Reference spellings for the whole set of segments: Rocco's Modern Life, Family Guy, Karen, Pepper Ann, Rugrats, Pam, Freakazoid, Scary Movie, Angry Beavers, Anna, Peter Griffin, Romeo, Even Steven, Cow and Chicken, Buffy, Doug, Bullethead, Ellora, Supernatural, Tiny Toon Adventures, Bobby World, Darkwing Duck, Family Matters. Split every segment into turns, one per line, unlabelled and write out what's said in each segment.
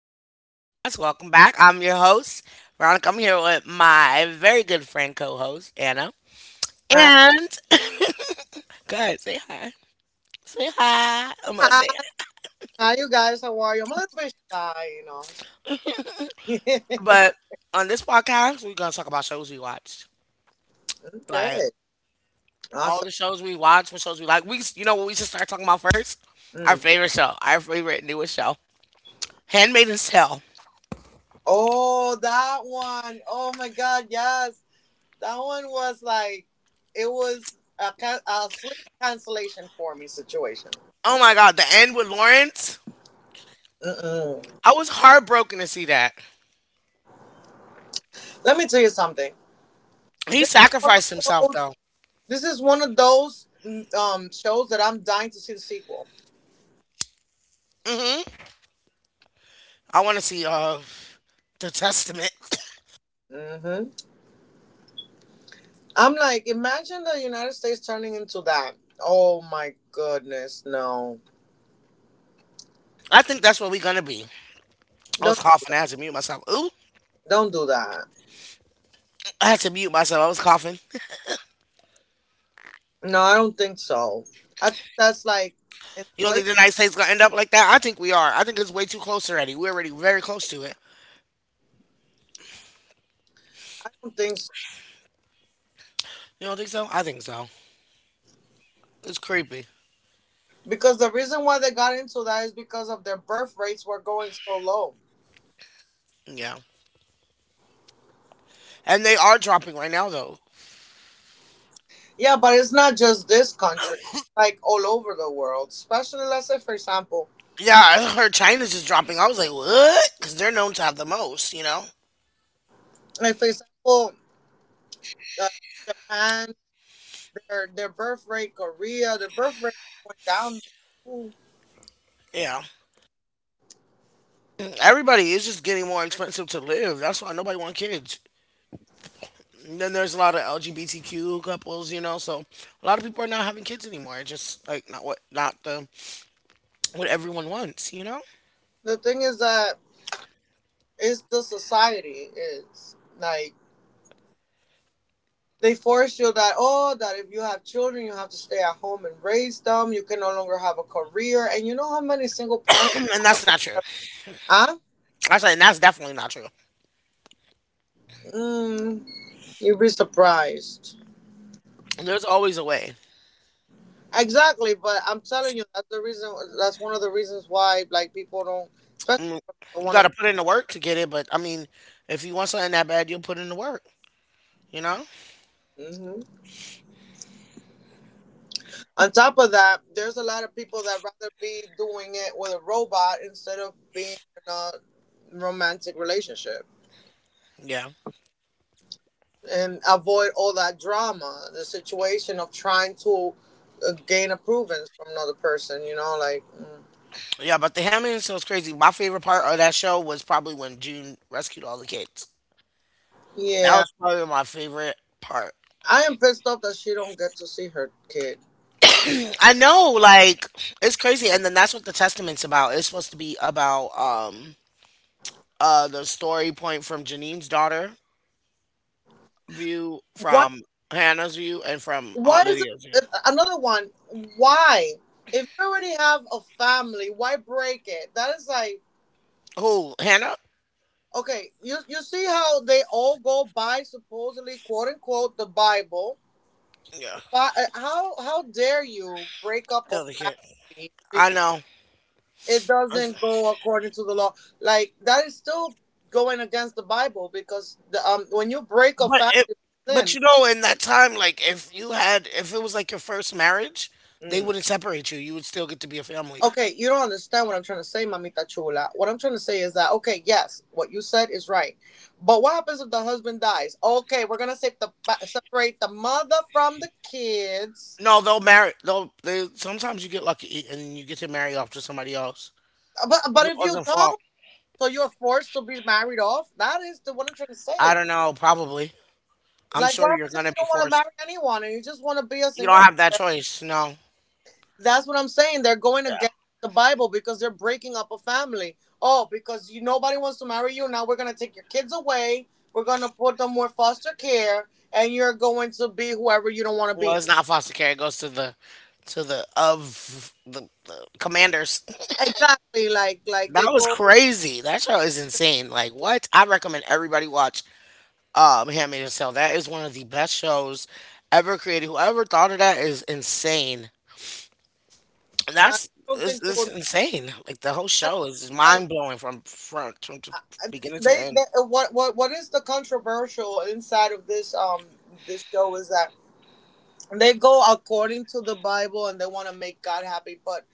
Veronica's podcast. Welcome back. I'm your host, Veronica. I'm here with my very good friend co-host, Anna.
Hi,
And go ahead, say hi. Say hi. I'm gonna
hi,
say hi.
hi, you guys. How are you? I'm a little bit shy, you know.
But on this podcast, we're gonna talk about shows we watched. Like
Good,
all
awesome.
the shows we watch, what shows we like. We You know what we should start talking about first? Our
Mm.
favorite show. Our favorite newest show. Handmaiden's Tale.
Oh, that one. Oh my God, yes, that one was like it was a, can- a sleep cancellation for me situation.
Oh my god, the end with Lawrence.
Mm-mm.
I was heartbroken to see that.
Let me tell you something.
He
This is one
sacrificed
of
himself
those.
though.
This is one of those shows that I'm dying to see the sequel.
Mm-hmm. I want to see the Testament.
Mm-hmm. I'm like, imagine the United States turning into that. Oh my goodness, no.
I think that's what we're gonna be. I was
Don't
coughing. I had to mute myself. Ooh,
don't do that.
I had to mute myself. I was coughing.
No, I don't think so. I think that's like
You don't
enslavement.
think the United States gonna end up like that? I think we are. I think it's way too close already. We're already very close to it.
I don't think so.
You don't think so? I think so. It's creepy.
Because the reason why they got into that is because of their birth rates were going so low.
Yeah. And they are dropping right now though.
Yeah, but it's not just this country. Like all over the world, especially let's say for example,
Yeah, I heard China's just dropping. I was like, what? Because they're known to have the most. You know.
like for example, uh, and their birth rate, Korea, their birth rate went down.
Yeah. Everybody is just getting more expensive to live. That's why nobody want kids. And then there's a lot of LGBTQ couples, you know. So a lot of people are not having kids anymore. It's just like not what not the what everyone wants, you know.
The thing is that it's the society. It's like they force you that oh that if you have children you have to stay at home and raise them, you can no longer have a career and you know how many single parents
And
out
that's
there.
not true.
huh
I said and that's definitely not true.
mm, You'd be surprised,
There's always a way.
exactly, but I'm telling you that's the reason, that's one of the reasons why like people don't, especially
Mm,
don't
you
want
got to
to
put in the work to get it. But I mean, if you want something that bad, you'll put in the work. You know?
be. On top of that, there's a lot of people that rather be doing it with a robot instead of being in a romantic relationship
Yeah.
and avoid all that drama, the situation of trying to gain approvals from another person, you know,
Yeah, but the Hammond show was crazy. My favorite part of that show was probably when June rescued all the kids. That
yeah,
was probably my favorite part.
I am pissed off that she don't get to see her kid.
I know, like it's crazy, and then that's what the testament's about. It's supposed to be about the story point from Janine's daughter view,
Why
from Hannah's view, and from
why
Aunt
is it,
Lydia's view.
if- another one, why if you already have a family, why break it? That is like,
Who, Hannah?
okay, you see how they all go by supposedly quote unquote the Bible.
Yeah,
But how dare you break up a
the other kid.
family?
I know,
It
I-
doesn't go according to the law. Like that is still going against the Bible because when you break a
but
fast,
it,
it's
but
sin.
you know, in that time, like if you had, if it was like your first marriage, they
Mm.
wouldn't separate you. You would still get to be a family.
Okay, you don't understand what I'm trying to say, Mamita Chula. What I'm trying to say is that okay, yes, what you said is right, but what happens if the husband dies? Okay, we're gonna separate the mother from the kids,
No, they'll marry. They'll they. Sometimes you get lucky and you get to marry off to somebody else.
but
'Cause
but
it
if you
wasn't
don't,
fault.
so you're forced to be married off. That is the what I'm trying to
I
say.
don't know, probably. I'm
Like, what
sure you're
happens if
gonna
you
be
don't want to
forced.
marry anyone and you just want to be a
You don't
single?
have that choice. No.
That's what I'm saying. They're going
Yeah.
against the Bible because they're breaking up a family. Oh, because you nobody wants to marry you. Now we're gonna take your kids away. We're gonna put them with foster care, and you're going to be whoever you don't want to
Well,
be.
it's not foster care. It goes to the the commanders.
Exactly. Like
That
they
was
go.
crazy. That show is insane. Like what? I recommend everybody watch Handmaid's Tale. That is one of the best shows ever created. Whoever thought of that is insane.
I
That's
don't
it's,
think it
it's
would make.
insane. Like the whole show is
I don't.
mind blowing from front from to
I,
beginning to
they,
end.
they what is the controversial inside of this this show is that they go according to the Bible and they want to make God happy, but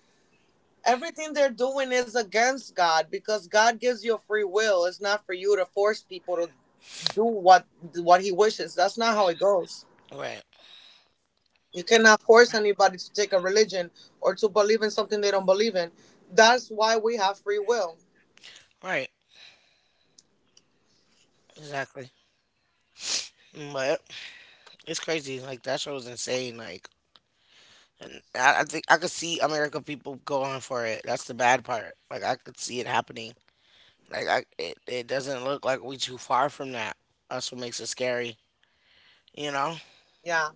everything they're doing is against God because God gives you a free will. It's not for you to force people to do what He wishes. That's not how it goes.
Right.
You cannot force anybody to take a religion or to believe in something they don't believe in. That's why we have free will.
Right. Exactly. But it's crazy. Like that show was insane. Like, and I think I could see American people going for it. That's the bad part. Like I could see it happening. It doesn't look like we too far from that. That's what makes it scary. You know,
Yeah.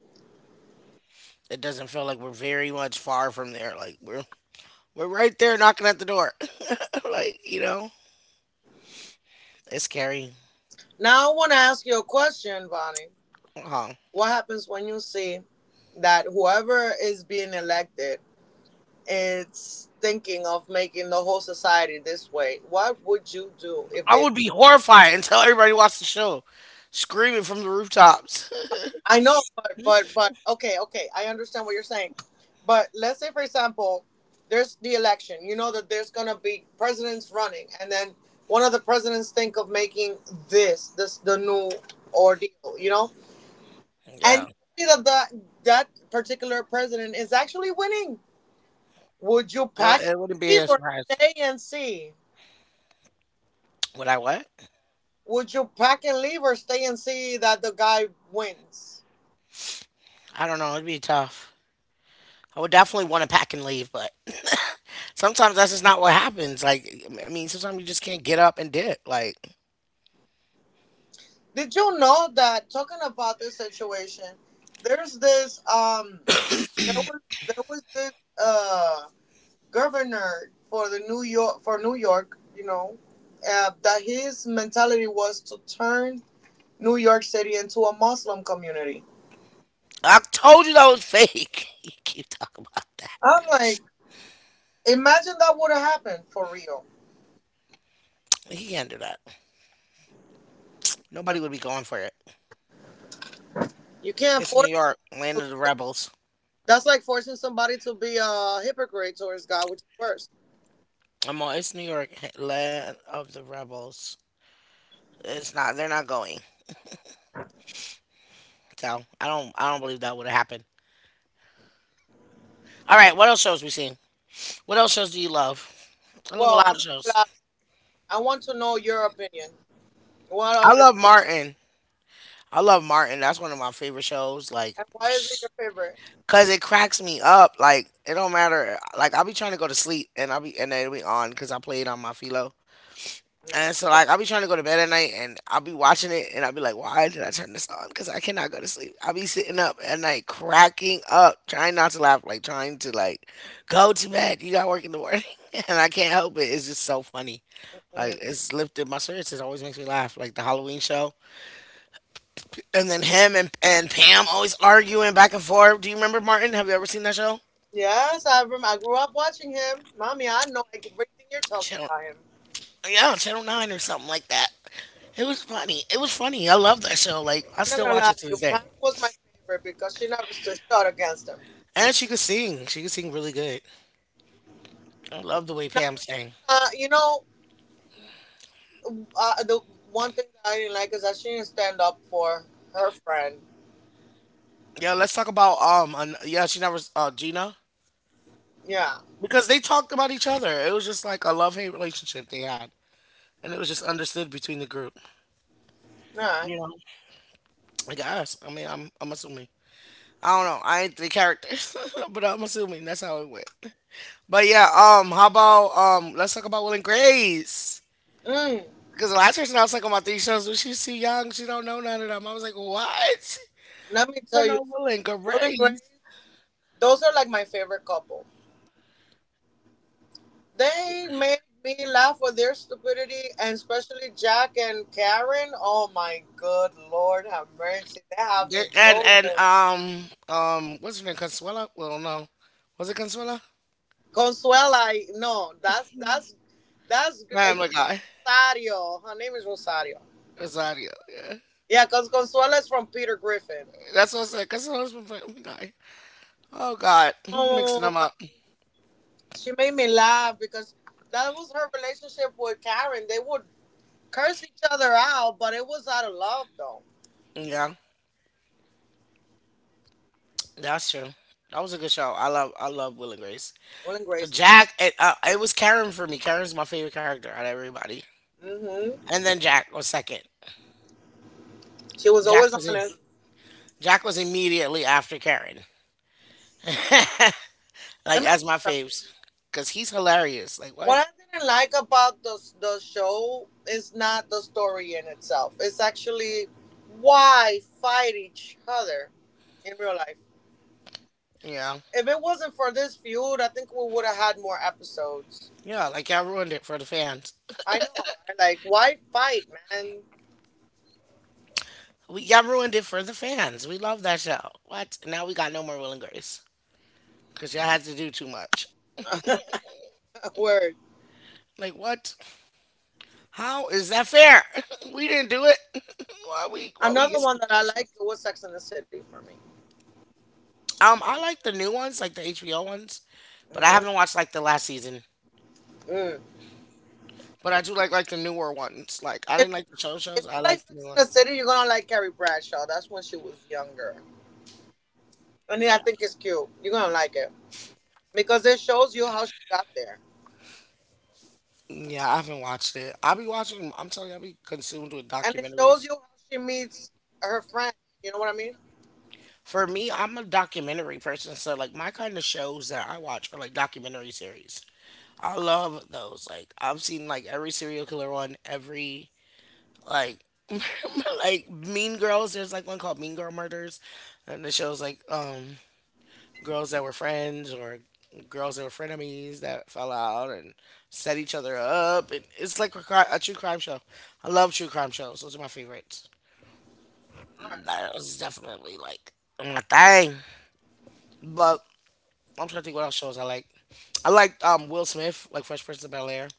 it doesn't feel like we're very much far from there. We're right there knocking at the door. Like you know, it's scary.
Now I want to ask you a question, Bonnie.
Huh.
What happens when you see that whoever is being elected is thinking of making the whole society this way? What would you do if
I
they—
would be horrified until everybody watched the show, screaming from the rooftops.
I know, but okay, okay, I understand what you're saying. But let's say, for example, there's the election. You know that there's gonna be presidents running, and then one of the presidents think of making this the new ordeal. You know, and
Yeah,
you see that that particular president is actually winning. Would you pack
it,
and
it wouldn't be
leave
a
or
surprise.
stay and see?
Would I what?
Would you pack and leave or stay and see that the guy wins?
I don't know. It'd be tough. I would definitely want to pack and leave, but sometimes that's just not what happens. Like, I mean, sometimes you just can't get up and dip. Like,
Did you know that talking about this situation, there's this there was there was this uh governor for the New York, you know, that his mentality was to turn New York City into a Muslim community.
I told you that was fake. You keep talking about that.
I'm like, imagine that would have happened for real.
He can't do that. Nobody would be going for it.
You can't
It's
force—
New York, land of the rebels.
that's like forcing somebody to be a hypocrite towards God, which is worse.
I'm on. It's New York, land of the rebels. It's not. They're not going. So. I don't believe that would have happened. All right. What else shows we seen? What else shows do you love? I love a
Well, I'm
lot of
not gonna
shows.
lie. I want to know your opinion. What
I
other—
love Martin. I love Martin. That's one of my favorite shows. Like,
And why is it your favorite?
cause it cracks me up. Like, it don't matter. Like, I'll be trying to go to sleep and I'll be and it'll be on because I play it on my philo. And so, like, I'll be trying to go to bed at night and I'll be watching it and I'll be like, why did I turn this on? Because I cannot go to sleep. I'll be sitting up at night cracking up, trying not to laugh, like, go to bed. You got work in the morning. And I can't help it. It's just so funny. Like,
Mm-hmm.
it's lifted my spirits. It always makes me laugh. Like, the Halloween show. And then him and Pam always arguing back and forth. Do you remember Martin? Have you ever seen that show?
Yes, I rem- I grew up watching him. Mommy, I know everything you're talking
Channel,
about him.
yeah, Channel 9 or something like that. It was funny. It was funny. I love that show. Like I
I'm not
still
gonna
watch
lie
it
to
to
you.
this day.
Pam was my favorite because she never stood shot against him.
And she could sing. She could sing really good. I love the way
Now,
Pam sang.
Regina, you know, the one thing that I didn't like is that she didn't stand up for her friend.
Yeah, let's talk about yeah, she never Gina
Yeah.
because they talked about each other. It was just like a love hate relationship they had, and it was just understood between the group.
All right.
You know, I guess. I mean, I'm assuming. I don't know. I ain't the character, but I'm assuming that's how it went. But yeah, how about let's talk about Will and Grace
Mm.
because the last person I was talking about these shows was she's too young, she don't know none of them. I was like, what?
Let me
You don't
tell you
know Will and
something. Will and Grace,
Grace?
those are like my favorite couple. They made me laugh with their stupidity, and especially Jack and Karen. Oh my good lord, have mercy! They have me
They- And
rolling.
and um um, what's her name? Consuela? Well, no, was it Consuela?
Consuela, I- no, that's that's good.
I am the guy.
Rosario, her name is Rosario.
Rosario. Yeah,
Yeah, because Consuela is from Peter Griffin.
that's what I said. Consuela's from Family Guy. Oh God, mixing them
Oh,
up.
she made me laugh because that was her relationship with Karen. They would curse each other out, but it was out of love, though.
Yeah, that's true. That was a good show. I love Will and Grace.
Will and grace.
It was Karen for me. Karen's my favorite character out of everybody.
hmm
And then Jack was second.
She was
Jack
always
was in,
honest.
Jack was immediately after Karen.
Let
Like
me
as
tell you
my faves.
something.
Cause he's hilarious. Like what?
What I didn't like about the show is not the story in itself. It's actually why fight each other in real life.
Yeah.
If it wasn't for this feud, I think we would have had more episodes.
Yeah, like y'all ruined it for the fans.
I know, right? Like, why fight, man?
We Y'all ruined it for the fans. We love that show. What? Now we got no more Will and Grace. Cause y'all had to do too much.
Word.
Like what? How is that fair? We didn't do it. Why we
Another
get
one that
skipped
I
that show?
like was Sex in the City for me.
I like the new ones, like the HBO ones, but I
hmm
haven't watched like the last season.
Mm.
But I do like the newer ones. Like I
If
didn't like the show shows.
you
I
like
like the
Sex
newer.
in the City, you're gonna like Carrie Bradshaw. That's when she was younger, and yeah, I
Yeah,
think it's cute. You're gonna like it. Because it shows you how she got there,
yeah, I haven't watched it. I'll be watching. 'Em- I'm telling you, I'll be consumed with
and it shows
documentaries.
you how she meets her friend. You know what I mean?
For me, I'm a documentary person, so like my kind of shows that I watch are like documentary series. I love those. Like I've seen like every serial killer one, every like like Mean Girls. There's like one called Mean Girl Murders, and the show's like girls that were friends or girls that were frenemies that fell out and set each other up. It's like a true crime show. I love true crime shows. Those are my favorites.
All right.
That was definitely like my thing. But I'm trying to think what else shows I like. I like Will Smith, like Fresh Prince of Bel Air.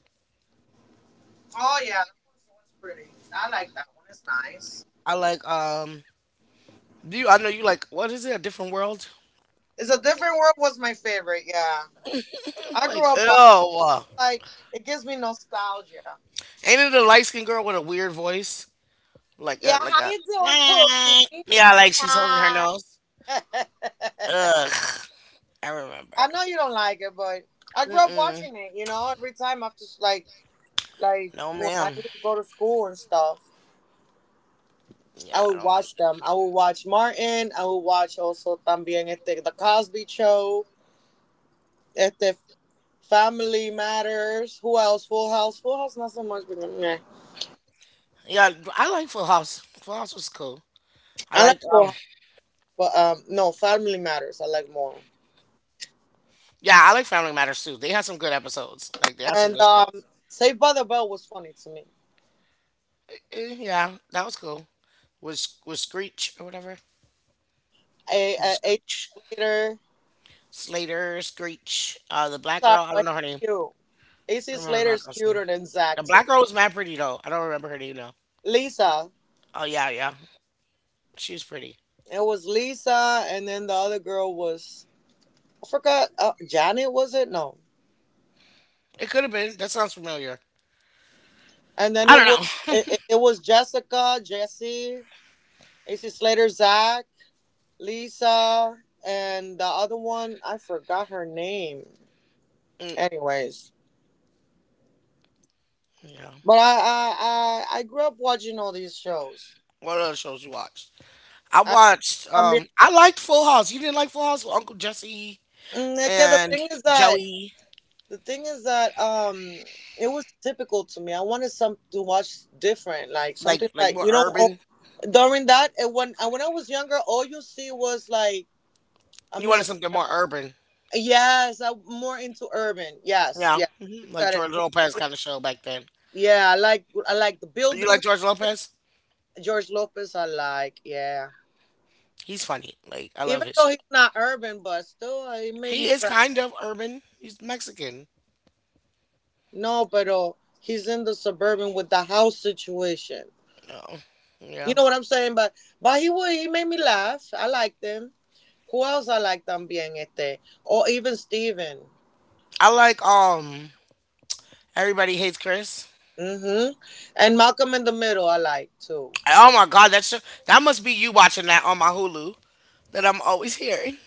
Oh yeah, that one was pretty. I like that one. It's nice.
I like. Do you? I know you like. What is it? A different world?
It's a different world was my favorite. Yeah, I
Like
grew up watching.
ew.
Like it gives me nostalgia.
Ain't it a light skinned girl with a weird voice? Like
Yeah,
a,
how
like a.
you doing, Pookie?
Yeah, like she's holding her
Hi.
nose. Ugh, I remember.
I know you don't like it, but I grew up
Mm-mm.
watching it. You know, every time after like
No,
when I
ma'am.
would go to school and stuff.
Yeah,
I
I
would
don't like
watch
it.
them. I would watch Martin. I would watch also también este, The Cosby Show, este, Family Matters. Who else? Full House. Full House not so much, but meh.
Yeah, I like Full House. Full House was cool. I
I
like
like Full House, but no, Family Matters, I like more.
yeah, I like Family Matters too. They had some good episodes. Like they had some
And
good shows.
Saved by the Bell was funny to me.
Eh, yeah, that was cool. Was Screech or whatever? Was
AC
Screech.
Slater.
Slater, Screech, the black
Sorry,
girl, I don't
but
know her name.
he's cute.
I
AC
don't remember the
Slater
black
is
girl's name.
cuter than
The
Zach to
black
me.
girl was mad pretty though. I don't remember her name though.
Lisa.
Oh yeah, yeah. She was pretty.
It was Lisa, and then the other girl was— I forgot. Janet was it? No.
It could have been. That sounds familiar.
And then
I
it was—
don't know.
it was Jessica, Jesse, AC Slater, Zach, Lisa, and the other one I forgot her name.
Mm,
Anyways,
yeah.
but I grew up watching all these shows.
What other shows you watched? I
I
watched.
también.
I liked Full House. You didn't like Full House with Uncle Jesse
Mm, es que the
and
thing is that
Joey,
the thing is that it was typical to me. I wanted some to watch different, like something
like
like
more
you know. Oh,
urban.
during that, and when I was younger, all you see was like—
You
I'm
wanted
not.
something more urban,
Yes, I'm more into urban. Yes,
yeah,
yeah. You
hmm like
said it
George Lopez
perfectly.
kind of show back then.
Yeah, I like the
You like
buildings.
George Lopez?
George Lopez, I like. Yeah,
He's funny. Like I love
even
his
though
show.
he's not urban, but still, he make me
He is
cry.
kind of urban. He's Mexican.
No, but oh, he's in the suburban with the house situation.
Oh,
You
yeah.
know what I'm saying? But he made me laugh. I liked him. Who else I like también este? Or even Steven.
I like. Everybody hates Chris.
Mm-hmm. And Malcolm in the Middle, I like too.
Oh my God, that show. That must be you watching that on my Hulu that I'm always hearing.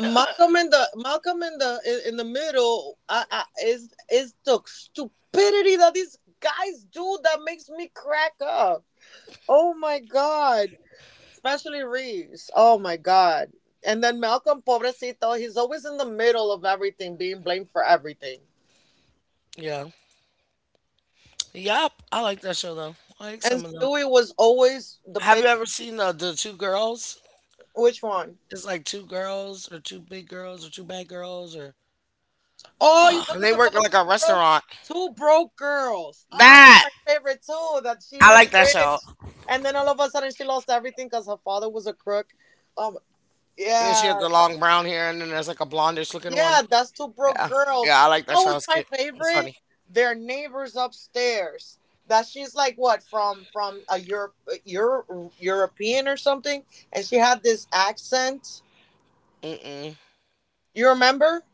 Malcolm in the middle is the stupidity that these guys do that makes me crack up. Oh my god, especially Reeves. Oh my god, and then Malcolm Pobrecito, he's always in the middle of everything, being blamed for everything.
Yeah. Yup, I like that show though. I like
And
some of them.
Stewie was always the
Have
ba-
you ever seen the two girls?
which one?
It's like two girls or two big girls or two bad girls or
Oh, you're
ugh, and
talking
they work at
about
like a restaurant.
two broke girls. Ah, that's
That
my favorite too. That she
I
was
like that
rich.
show.
And then all of a sudden she lost everything because her father was a crook. Um,
And she had
yeah,
the long brown hair, and then there's like a blondish looking
yeah,
one.
that's two broke
Yeah,
girls. You
yeah, I like that
know
show.
what's
It's
my
cute. It's
favorite?
funny.
Their neighbors upstairs. That she's like what from a Europe, Euro European or something, and she had this accent.
Mm-mm.
You remember?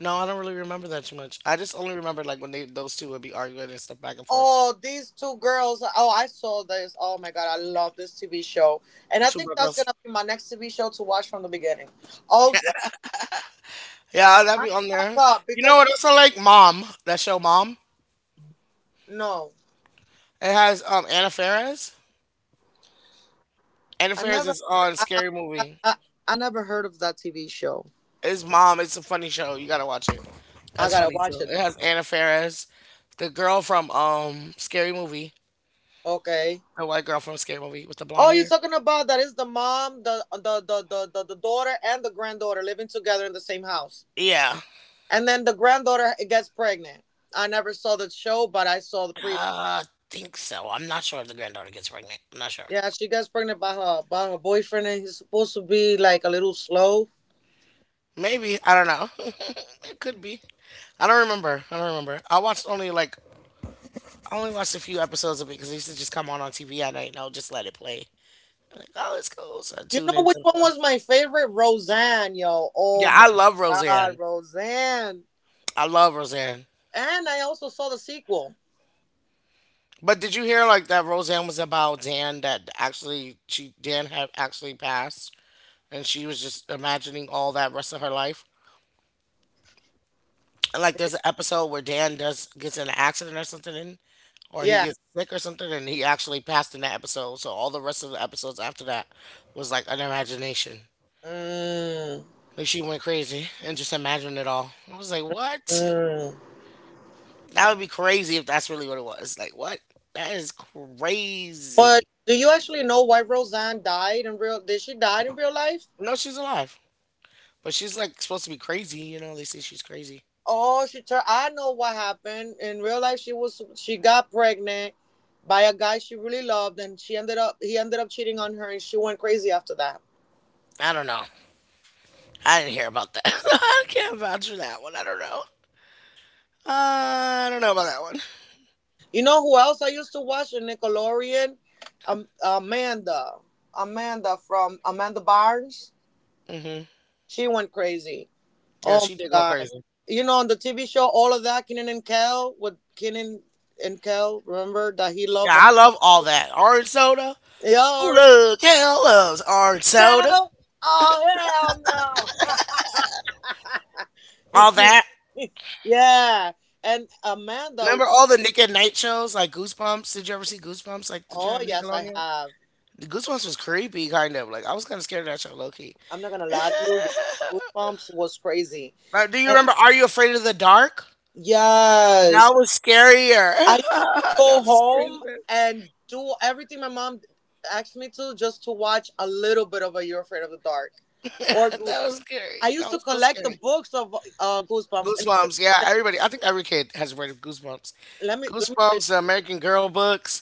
No, I don't really remember that too much. I just only remember like when they those two would be arguing and stuff back and forth.
Oh, these two girls. Oh, I saw this. Oh my god, I love this TV show, and I
Two
think
Broke
that's
girls.
gonna be my next TV show to watch from the beginning. Oh yeah,
Yeah, that'd be
I
on
crack
there.
up
You know
because
what else I like? Mom. That show, Mom.
no.
It has Anna Faris. Anna
I
Faris
never,
is on
I, I,
Scary
I,
Movie.
I I never heard of that TV show.
It's Mom. It's a funny show. You gotta watch it. That's
I gotta
funny too.
watch
It
it. Then.
has Anna Faris, the girl from Scary Movie,
Okay.
the white girl from Scary Movie with the blonde
Oh, you're
hair.
talking about that is the mom, the daughter, and the granddaughter living together in the same house,
Yeah,
and then the granddaughter gets pregnant. I never saw the show, but I saw the pre.
uh, I think so. I'm not sure if the granddaughter gets pregnant. I'm not sure.
Yeah, she gets pregnant by her boyfriend, and he's supposed to be like a little slow.
Maybe I don't know. It could be. I don't remember. I don't remember. I watched only I only watched a few episodes of it because it used to just come on TV at night and I'll just let it play. I'm like, oh, it's cool. So I
You
tune
know
in
which one was
sometimes.
my favorite? Roseanne, yo. Oh
Yeah,
my
I love
god,
Roseanne.
Roseanne.
I love Roseanne.
And I also saw the sequel.
But did you hear like that Roseanne was about Dan, that actually she, Dan had actually passed, and she was just imagining all that rest of her life? And like there's an episode where Dan does, gets in an accident or something, or he
Yeah.
gets sick or something, and he actually passed in that episode. So all the rest of the episodes after that was like an imagination.
Mm,
Like she went crazy and just imagined it all. I was like, what?
mm.
That would be crazy if that's really what it was. Like what? That is
But
crazy.
do you actually know why Roseanne died in real? Did she die in real life?
No, she's alive. But she's like supposed to be crazy, you know. They say she's crazy.
Oh, she turned. I know what happened in real life. She got pregnant by a guy she really loved, and she ended up he ended up cheating on her, and she went crazy after that.
I don't know. I didn't hear about that. I can't vouch for that one. I don't know. I don't know about that one.
You know who else I used to watch in Nickelodeon? Um, Amanda, Amanda from Amanda Barnes.
Hmm.
She went crazy.
Yeah,
Oh
she
my
did go
god.
crazy.
You know, on the TV show, all of that, Kenan and Kel, with Kenan and Kel, remember that he
Yeah,
loved.
I love All That. Orange soda.
Yo,
Who
Rich
loves? Kale loves orange soda.
Kel? Oh, hell
All
no.
That.
Yeah. And Amanda,
Remember all the Nick at Night shows like Goosebumps? Did you ever see Goosebumps? Like, did you
oh,
have
yes, I
Nickelodeon?
have.
The Goosebumps was creepy, kind of. Like, I was kind of scared of that show, low key.
I'm not going to lie to you. Yeah. Goosebumps was crazy.
Do you
And
remember Are You Afraid of the Dark? That
yes.
was scarier.
I used to
That
go
was scary.
home and do everything my mom asked me to just to watch a little bit of a You're Afraid of the Dark or
That
Goosebumps.
was scary.
I
That
used to
was so
collect the
scary.
books of Goosebumps and to
Goosebumps. Yeah,
this day-
everybody. I think every kid has read Goosebumps.
let me tell you.
Goosebumps, the American Girl books.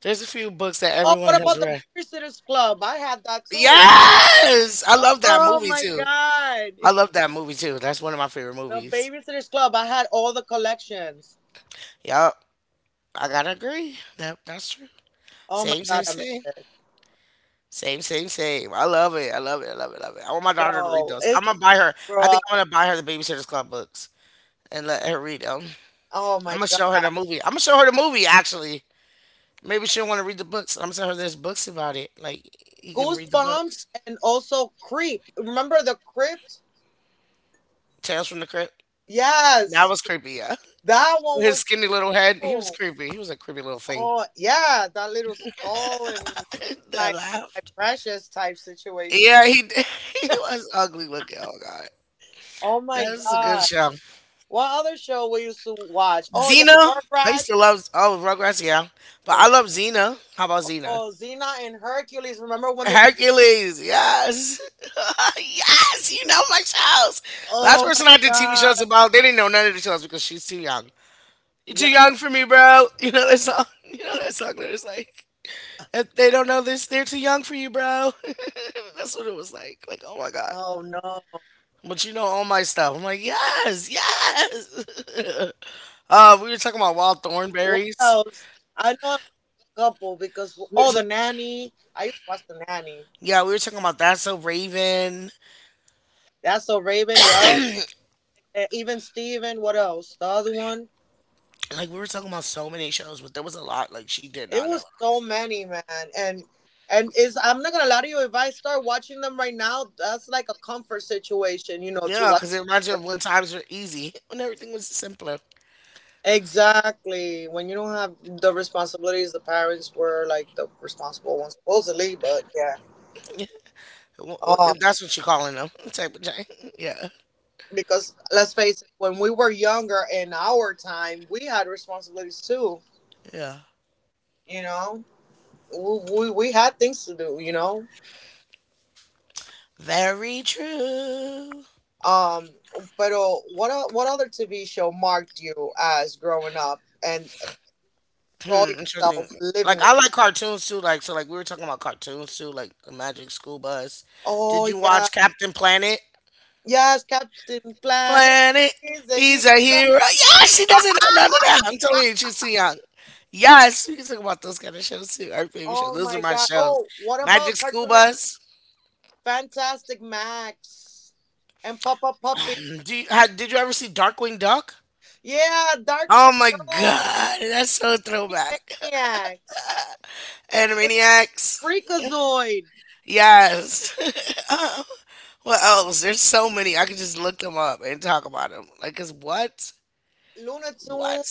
There's a few books that
Oh,
everyone
what
has
about the
read.
Babysitters Club? I had that too.
Yes, I love that
Oh
movie
my
too.
god.
I love that movie too. That's one of my favorite
The
movies.
Babysitters Club. I had all the collections.
Yup, I gotta agree. That, that's true.
Oh my
Same, same,
god, I miss
same.
it.
Same, same, same. I love it. I love it. I love it. Love it. I want my daughter to read
Yo,
those.
it's
I'm gonna buy her.
grow
I think
up.
I'm gonna buy her the Babysitter's Club books and let her read them.
Oh
I'm
my
gonna show her the
god.
movie. I'm gonna show her the movie actually. Maybe she'll want to read the books. I'm gonna tell her there's books about it. Like, you can read the
Goosebumps
books.
and also Creep. Remember the Crypt?
Tales from the Crypt. That
Yes,
was creepy, yeah.
that one
With his
was
skinny little head, he was
cool.
creepy. He was a creepy little thing.
Oh, yeah, that little skull and looking
That
like my
laughed.
precious type situation.
Yeah, he he was ugly looking. Oh god,
Oh my
that is a good
God.
show.
What other show we used to watch? Oh, yeah, the
Xena. I used
Rugrats,
to love, oh, Rugrats, yeah, but
the
I love Xena. How about Xena?
oh, Xena and Hercules. Remember when they did?
Hercules, yes. Yes, you know my shows. Last
Oh my
person I did TV shows
God.
about, they didn't know none of the shows because she's too young. You're too
Yeah.
young for me, bro. You know that song? You know that song that was like, if they don't know this, they're too young for you, bro.
Oh
That's
no.
what it was like. Like, oh my God. But you know all my stuff. I'm like, yes, yes.
What
We were talking about
else?
Wild
I know a
Thornberries.
couple because oh, the nanny.
We were ta-
I used to watch the nanny.
yeah, we were talking about That's So Raven.
That's so Raven. Yup. Eh, Even Steven, what else? The other one?
Like, we were talking about so many shows, but there was a lot, like, she did
It
not know.
was so many, man, and and is I'm not gonna lie to you. If I start watching them right now, that's like a comfort situation, you know, to
Yeah,
watch.
because it reminds you of when times were easy, when everything was simpler.
Exactly. When you don't have the responsibilities, the parents were like the responsible ones, supposedly. But yeah,
Yeah. Well,
um,
if that's what you're calling them, type of thing. Yeah,
because let's face it, when we were younger in our time, we had responsibilities too.
yeah.
You know, we we had things to do. You know,
Very true.
Um, pero what other TV show marked you as growing up and saw
Hmm, interesting.
yourself living
Like, I
like,
like cartoons too. Like so, like we were talking about cartoons too. Like the Magic School Bus. Did
oh
you
yeah,
watch Captain Planet?
yes, Captain Planet
Planet,
is a hero.
he's a hero. Yeah, she doesn't know none of that. I'm telling you, she's too young. Yes, we can talk about those kind of shows too. Our favorite shows.
Oh
Those are
my
my
God.
shows.
Oh, what about
Magic School
Cartoon Network?
Bus.
Fantastic Max and Papa Puppy.
Do you, ha Did you ever see Darkwing Duck?
Yeah,
Oh
Darkwing
my
Dog,
god, that's so throwback.
Maniacs,
Animaniacs.
Freakazoid,
Yes. Uh, what else? There's so many. I could just look them up and talk about them. Like, cause what?
Looney Tunes.
What?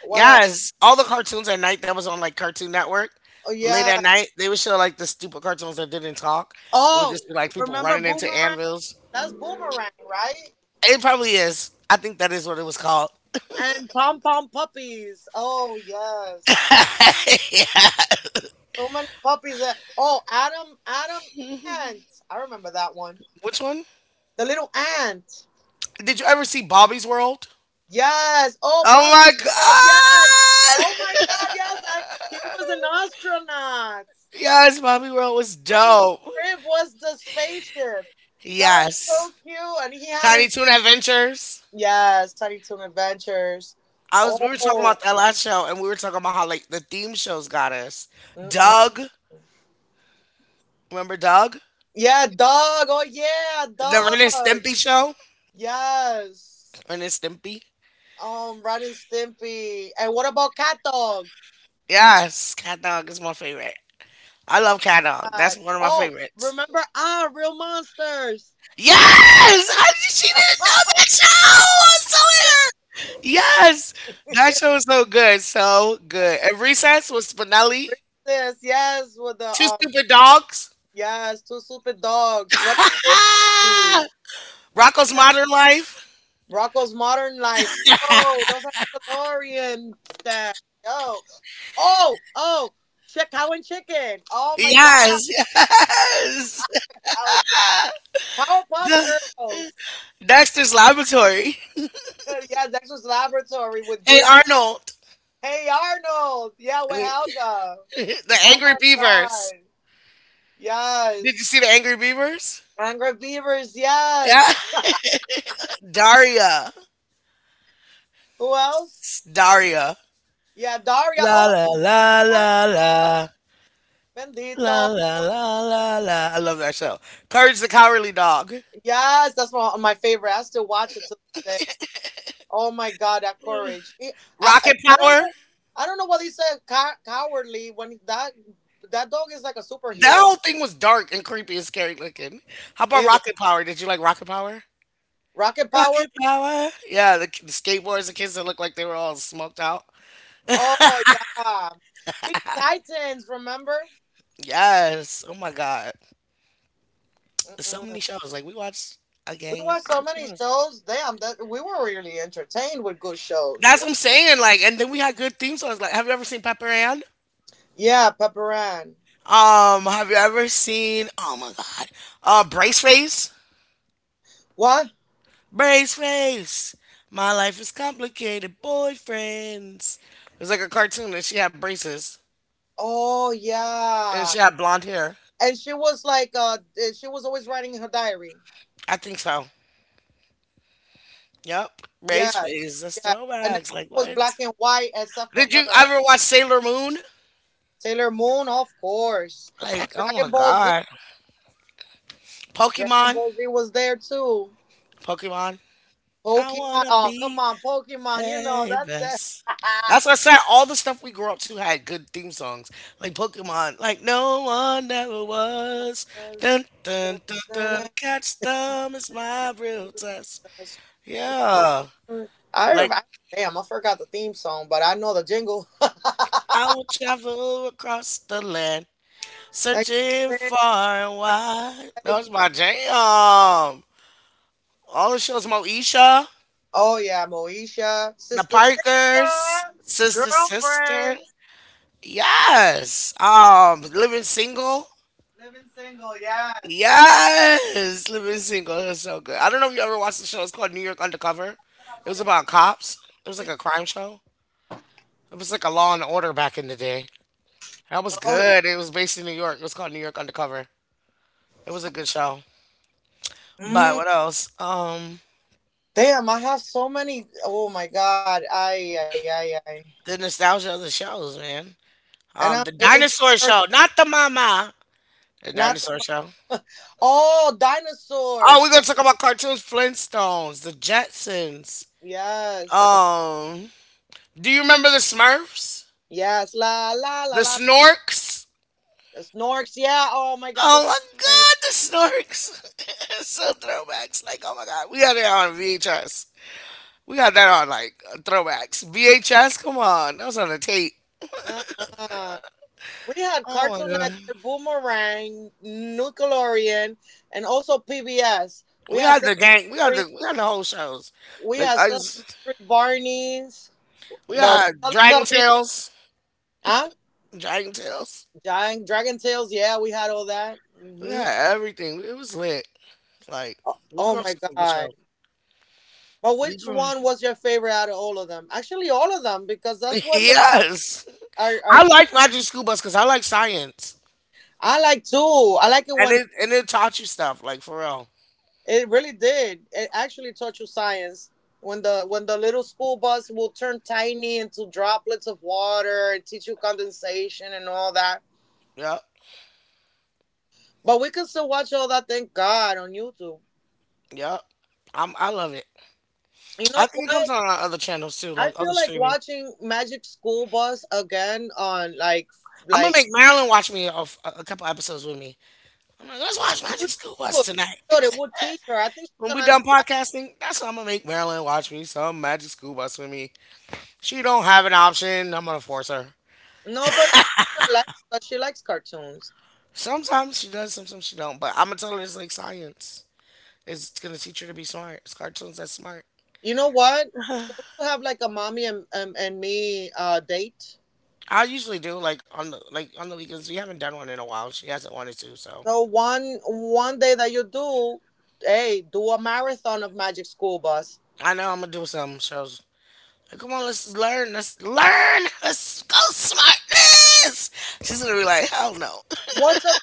What else?
Yes. All the cartoons at night that was on like Cartoon Network.
Oh
Late
yeah.
at night, they would show like the stupid cartoons that didn't talk. It would just be
Oh,
like people
remember
running into
Boomerang?
anvils.
That's Boomerang, right?
It probably is. I think that is what it was called.
And Pom Pom Puppies. Oh yes,
Yeah.
so many puppies. That, oh, Adam, Adam Ant. I remember that one.
Which one?
The little ant.
Did you ever see Bobby's World?
Yes. Oh,
Oh
Bobby
my
World. Yes.
god!
Oh my God. Yes. I, he was an astronaut,
Yes, Bobby World was
and his
dope.
crib was the spaceship. That is so
Yes.
cute. And he had an
Tiny Toon Adventures.
yes, Tiny Toon Adventures.
I was We were talking
Oh.
about that last show, and we were talking about how like the theme shows got us.
Mm-mm.
Doug, remember Doug?
Yeah, dog. Oh yeah,
The Ren and
dog.
Stimpy show?
Yes.
Ren and Stimpy?
Ren and Stimpy. And what about Cat Dog?
Yes, Cat Dog is my favorite. I
Oh
love Cat Dog. That's
God.
one of my
Oh,
favorites.
remember ah, Real Monsters.
Yes! I, she didn't know
Ah,
that show! I was
yeah,
so. Yes, that show was so good, so good. And Recess was Spinelli,
Princess. Yes, with the
Two Stupid Dogs,
yes, two stupid dogs. Ren and Stimpy.
Rocco's Modern Life.
Rocco's Modern Life. Yo, those are Nickelodeon stuff. Yo. Oh, oh, Chick Cow and Chicken. Oh my God,
Yes, yes.
Cow and Chicken. Powerpuff Girls.
Dexter's Laboratory.
Yeah, Dexter's Laboratory with
Hey
Diddy.
Arnold,
Hey Arnold. Yeah, with
the
Helga. Oh
Angry
my
Beavers.
God.
Did you
Yes.
see the Angry Beavers?
Angry Beavers.
Yeah,
Yes.
Daria,
Who else?
Daria.
Yeah, Daria.
La
Oh,
la la la
my
la
God.
la
Bendito.
la la la la. I love that show. Courage the Cowardly Dog.
Yes, that's one of my favorite. I still watch it to this day. Oh my God, that courage. He- I I,
Rocket
I don't
Power.
know. I don't know what he said. Cowardly when he- that dog is like a
That
superhero.
whole thing was dark and creepy and scary looking. How about
It was
Rocket Power? Did you like Rocket Power?
rocket power.
Rocket Power. Yeah, the skateboards and kids that looked like they were all smoked out.
Oh yeah. Teen Titans, remember?
Yes. Oh my God. So
Mm-mm.
many shows. Like we watched a
We
gang
watched so
of
many
shows.
shows. Damn, that we were really entertained with good shows.
That's
Yeah,
what I'm saying. Like, and then we had good theme songs. Like, have you ever seen Pepper Ann?
yeah, Pepperan.
Have you ever seen? Oh my God. Brace Face.
What?
Brace face. My life is complicated. Boyfriends. It was like a cartoon and she had braces.
Oh
And
yeah.
she had blonde hair.
And she was like, she was always writing in her diary.
I think so. Yep. Brace
Yeah,
face. That's
yeah. And it
throwbacks. Like
was
what?
black and white except for
Did you
her.
ever watch Sailor Moon?
Sailor Moon, of course, and
Like, oh
Dragon
my
Ball Z.
god.
Dragon
Pokemon.
Ball Z was there too.
Pokemon. I
Pokemon.
wanna
Oh, come
be.
on, Pokemon. You know
Hey,
that that.
best. That's what I said. All the stuff we grew up to had good theme songs, like Pokemon, like no one never was. Dun dun dun dun. Catch them is my real test.
Yes.
Yeah,
I,
like
I damn, I forgot the theme song, but I know the jingle.
I will travel across the land,
Thank
searching
you.
far and wide. That was my jam. All the shows, Moesha,
Oh yeah, Moesha,
The
sister, sister,
Parkers, Sister Sister.
girlfriends,
Yes. Living Single.
living single. Yes.
Yes, Living Single. It was so good. I don't know if you ever watched the show. It's called New York Undercover. It was about cops. It was like a crime show. It was like a Law and Order back in the day. That was
Oh yeah.
good. It was based in New York. It was called New York Undercover. It was a good show. But
Mm,
what else?
damn, I have so many. Oh my god. I ay ay ay. Ay.
The nostalgia of the shows, man.
And I'm
The
it's
dinosaur
like
show, not the mama. The
not
dinosaur
the
show.
oh
Oh, we're
dinosaurs.
gonna
Yeah.
talk about cartoons, Flintstones, the Jetsons.
Yes.
Um, do you remember the Smurfs?
Yes. La la
The
la la.
Snorks?
The snorks. Yeah. Oh my god.
Oh
The
my
snorks.
god, the snorks. So throwbacks. Like, oh my god, we got that on VHS. We got that on like throwbacks. VHS, come on, that was on the tape.
Uh-uh. We had
Oh my
Cartoon
god,
Network, Boomerang, Nickelodeon, and also PBS.
we had the gang.
Sesame,
We had the whole shows.
we
Like
had
I,
Sesame
just-
Street, Barney's,
we
the
had Dragon
Teletubbies,
Tales,
huh?
Dragon Tales.
Giant Dragon Tales. Yeah, we had all that.
We
Hmm.
had everything. It was lit. Like,
Oh,
we
oh
grew up
my
with some good
god!
shows.
But
We
which
grew. up-
one was your favorite out of all of them? Actually, all of them because that's what defines
yes,
our our.
I
chi-
like Magic School Bus because I like science,
I like too. I like it when
and it taught you stuff. Like for real.
it really did. It actually taught you science. When the little school bus will turn tiny into droplets of water and teach you condensation and all that.
Yep.
But we can still watch all that, thank God, on YouTube.
Yep. I love it.
You know
I think it
what?
comes on our other channels too,
I
like other
feel like
streaming.
watching Magic School Bus again on like
I'm
like
gonna make Marilyn watch me a couple episodes with me. I'm like, let's watch
you
Magic
should.
School Bus tonight.
Should. It would teach her. I think she's
When we
gonna end
done
up like
podcasting, that's what I'm gonna make Marilyn watch me some Magic School Bus with me. She don't have an option. I'm gonna force her.
no, but she's gonna like it, 'cause she likes cartoons.
Sometimes she does, sometimes she don't. But I'm gonna tell her it's like science. It's gonna teach her to be smart. It's cartoons that's smart.
You know what? Don't you have like a mommy and me date?
I usually do like on the on the weekends. We haven't done one in a while. She hasn't wanted to, so
So one day that you do, hey, do a marathon of Magic School Bus.
I know I'm gonna do some shows. Come on, let's learn. Let's learn. Let's go smartness. She's gonna be like, hell no.
What's a,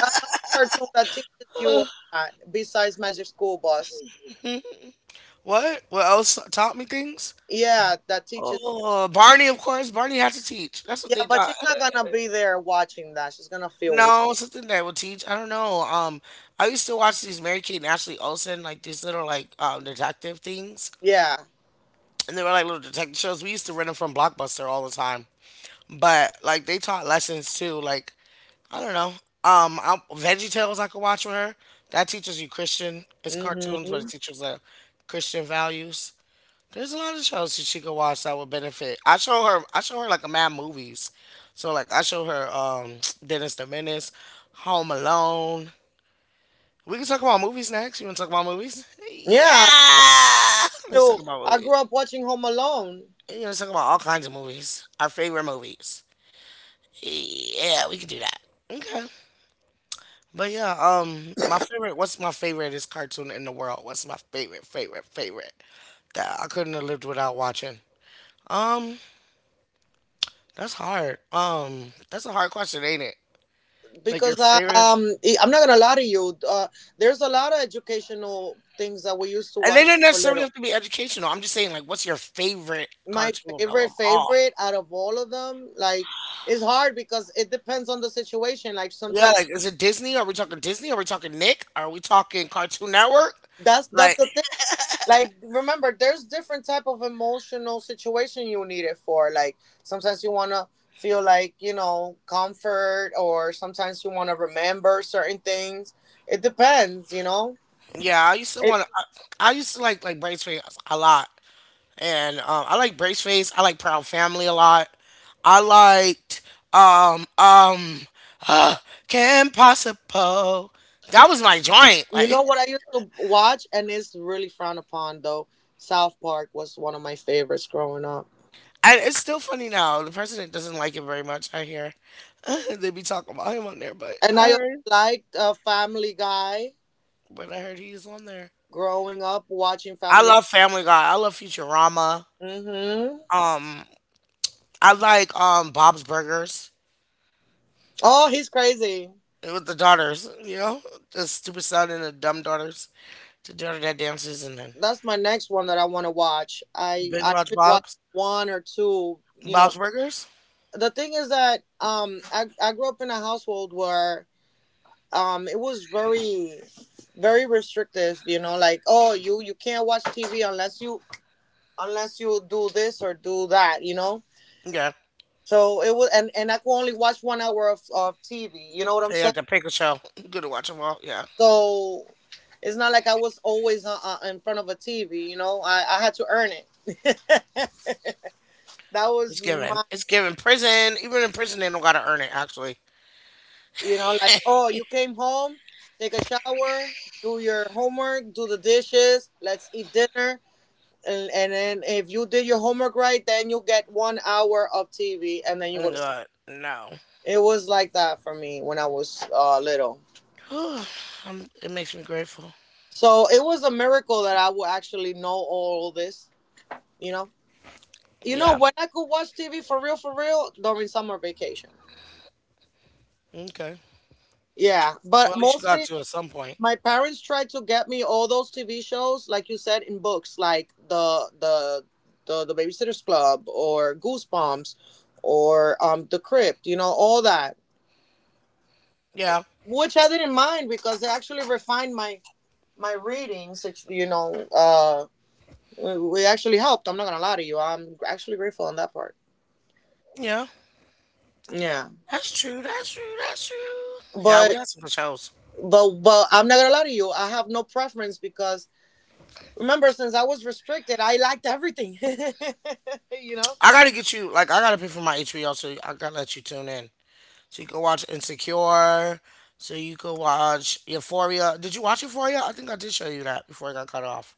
another cartoon that teaches you a lot besides Magic School Bus?
What? What else taught me things?
Yeah, that teaches you.
Oh, Barney, of course. Barney had to teach. That's what
Yeah,
they
but
taught.
she's not gonna be there watching that. She's gonna feel weak.
No, something that would teach. I don't know. I used to watch these Mary Kate and Ashley Olsen, like these little like detective things,
Yeah.
and they were like little detective shows. We used to rent them from Blockbuster all the time. But like they taught lessons too. Like I don't know. VeggieTales I could watch with her. That teaches you Christian. It's cartoons,
Hmm.
but it teaches like Christian values. There's a lot of shows that she could watch that would benefit. I show her. I show her like a mad movies. So like I show her Dennis the Menace, Home Alone. We can talk about movies next. You want to talk about movies?
Yeah.
Yeah. Let's talk
So
about
I
movies.
grew up watching Home Alone
Yeah, let's talk about all kinds of movies. Our favorite movies. Yeah, we can do that. Okay. But yeah, my favorite. What's my favorite is cartoon in the world? What's my favorite, favorite, favorite that I couldn't have lived without watching? Um, that's hard. That's a hard question, ain't it? Like your
because
favorite, is-
I'm not gonna lie to you. There's a lot of educational things that we used to
and
watch
they don't
for
necessarily
little.
have to be educational. I'm just saying, like, what's your favorite
My
cartoon of
favorite
them all?
favorite out of all of them, like it's hard because it depends on the situation, like
Yeah,
sometimes
like, is it Disney? Are we talking Disney? Are we talking Nick? Are we talking Cartoon Network?
that's
Like,
the thing, like remember there's different type of emotional situation you need it for, like sometimes you want to feel like, you know, comfort, or sometimes you want to remember certain things. It depends, you know.
yeah, I used to
it
want to. I used to like Brain a lot. And I like Brace Face. I like Proud Family a lot. I liked um um uh, Kim Possible. That was my joint. Like,
what I used to watch, and it's really frowned upon, though? South Park was one of my favorites growing up,
and it's still funny now. The president doesn't like it very much. I hear they be talking about him on there,
and I also liked Family Guy.
but I heard he's on there.
Growing up watching
I
family.
love Family Guy. I love Futurama.
Hmm.
Um, I like Bob's Burgers
Oh, he's crazy.
with the daughters. You know, the stupid son and the dumb daughters. The daughter that dances and then.
That's my next one that I want to watch.
You
I
binge watch
only watch
Bob's
one or two, you know.
Bob's Burgers?
The thing is that I grew up in a household where it was very restrictive, you know, like, oh, you can't watch TV unless you, unless you do this or do that, you know.
Yeah.
So it was, and I could only watch 1 hour of TV, you know what I'm
They have
saying.
the pickle show. Good to watch them all. Yeah.
So it's not like I was always in front of a TV, you know. I had to earn it. That
It's
was
given.
my,
It's given. Prison. Even in prison, they don't gotta earn it. Actually.
you know, like, oh, you came home, take a shower, do your homework, do the dishes, let's eat dinner. And then if you did your homework right, then you get 1 hour of TV and then you go
Oh
to sleep.
God. No.
It was like that for me when I was little.
It makes me grateful.
So it was a miracle that I would actually know all this, you know. You know
Yeah.
when I could watch TV for real during summer vacation.
Okay.
Yeah,
Well,
but
at least you got
mostly
to at some point.
my parents tried to get me all those TV shows, like you said, in books, like the Babysitters Club or Goosebumps or The Crypt. You know all that,
Yeah.
which I didn't mind because they actually refined my readings. Which, you know, we actually helped. I'm not gonna lie to you. I'm actually grateful on that part.
Yeah.
Yeah,
That's true. That's true. That's true. Yeah, we
but
had some good shows.
but I'm not gonna lie to you. I have no preference because remember, since I was restricted, I liked everything. You know.
I gotta get you. Like, I gotta pay for my HBO, so I gotta let you tune in. So you could watch Insecure. So you could watch Euphoria. Did you watch Euphoria? I think I did show you that before I got cut off.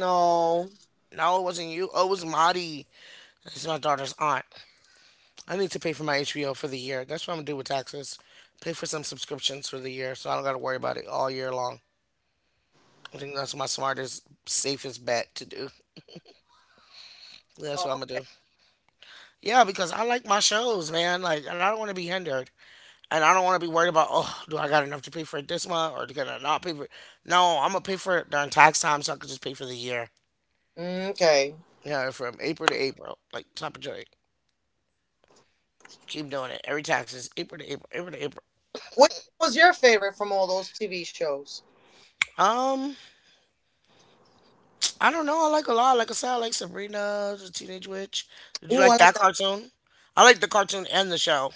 No.
No, it wasn't you. Oh, it was Madi. It's my daughter's aunt. I need to pay for my HBO for the year. That's what I'm gonna do with taxes. Pay for some subscriptions for the year, so I don't gotta worry about it all year long. I think that's my smartest, safest bet to do. That's what
Oh.
I'm gonna do. Yeah, because I like my shows, man. Like, and I don't want to be hindered. And I don't want to be worried about, oh, do I got enough to pay for it this month or can I not pay for it? No, I'm going to pay for it during tax time so I can just pay for the year.
Okay.
You know, from April to April, like top of joy. Keep doing it. Every tax is April to April, April to April.
Which one was your favorite from all those TV shows?
Um, I don't know. I like a lot. Like I said, I like Sabrina, the Teenage Witch. Did you
Ooh, I
like
like
that
that
cartoon? I like the cartoon and the show.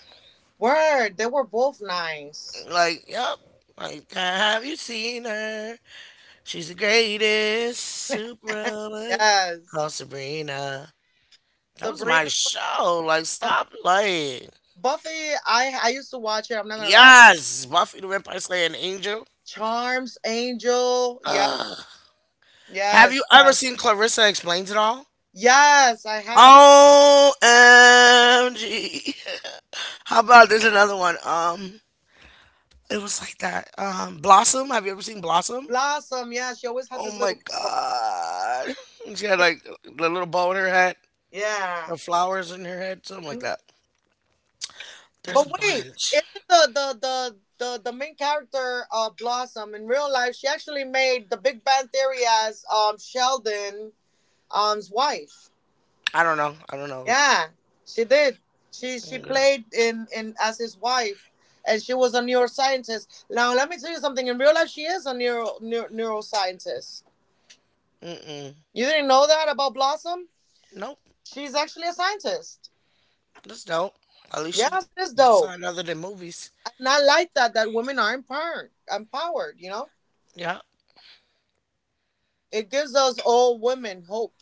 word. They were both nice.
Like, yep. Like, have you seen her? She's the greatest superwoman
Yes.
called Sabrina. That was my
Sabrina was
show. Like,
Buffy.
stop playing.
Buffy, I used to watch it. I'm not gonna lie.
Yes, Buffy the Vampire Slayer and Angel.
Charms, Angel. Yeah.
Ugh. Have
Yes.
you ever
Yes.
seen Clarissa Explains It All?
Yes. I have
OMG. How about there's another one? It was like that. Blossom. Have you ever seen Blossom?
Blossom. Yeah. She always had
Oh
this
my
little.
god. She had like the little bow in her head,
Yeah.
the flowers in her head, something like
Mm-hmm.
that. There's
But
a
wait,
bunch.
isn't the main character Blossom in real life? She actually made the Big Bang Theory as Sheldon um's wife.
I don't know. I don't know.
Yeah, she did. She
Mm, uh,
played in as his wife, and she was a neuroscientist. Now let me tell you something. In real life, she is a neuroscientist.
Mm-mm.
You didn't know that about Blossom?
Nope.
She's actually a scientist.
That's dope. At least you
Yes, it is
did
dope,
something other than movies.
and I like that women are empowered. Empowered,
Yeah.
It gives us old women hope.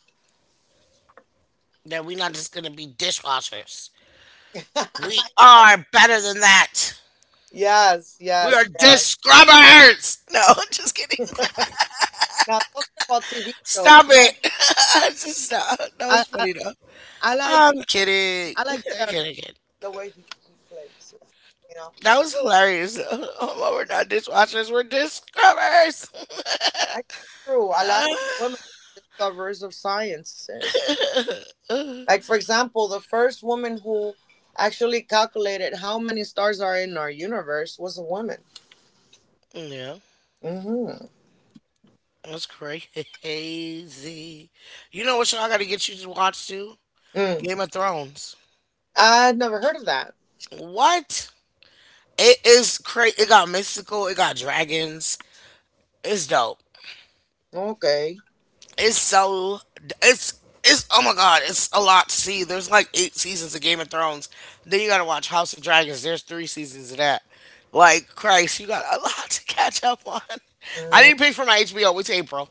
That we are not just gonna be dishwashers. We are better than that.
Yes,
We are
yes, yes.
dish scrubbers. No, just kidding.
Now talking about TV shows,
Stop it. Just stop. That
I
was
I,
funny though.
I
I'm kidding.
I
I'm
like Terry
kidding. kidding.
the way he plays. It, You know,
That was hilarious. Oh, well, we're not dishwashers. We're dish scrubbers.
I true. A lot of women discoverers of sciences. Like for example, the first woman who actually calculated how many stars are in our universe was a woman.
Yeah,
Mm-hmm.
that's crazy. You know what show I gotta get you to watch too?
Mm.
Game of Thrones.
I'd never heard of that.
What? It is crazy. It got mystical. It got dragons. It's dope.
Okay.
It's so. It's. Oh my god. It's a lot to see. There's like 8 seasons of Game of Thrones. Then you gotta watch House of Dragons. There's 3 seasons of that. Like Christ, you got a lot to catch up on. I
Mm.
need to pay for my HBO. It's April.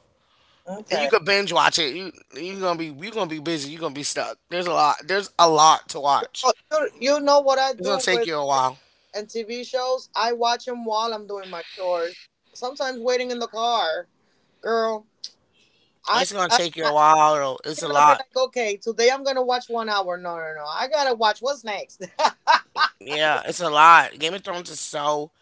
You
Okay.
could binge watch it. You gonna be you gonna be busy. You gonna be stuck. There's a lot. There's a lot to watch.
Oh, you know what I
It's gonna
do
take
with
you a while.
and TV shows? I watch them while I'm doing my chores. Sometimes waiting in the car, girl.
It's gonna take you
I
a while though. It's a
cannot be
lot.
like, okay, today I'm gonna watch 1 hour. No, no, no. I gotta watch what's next.
Yeah, it's a lot. Game of Thrones is so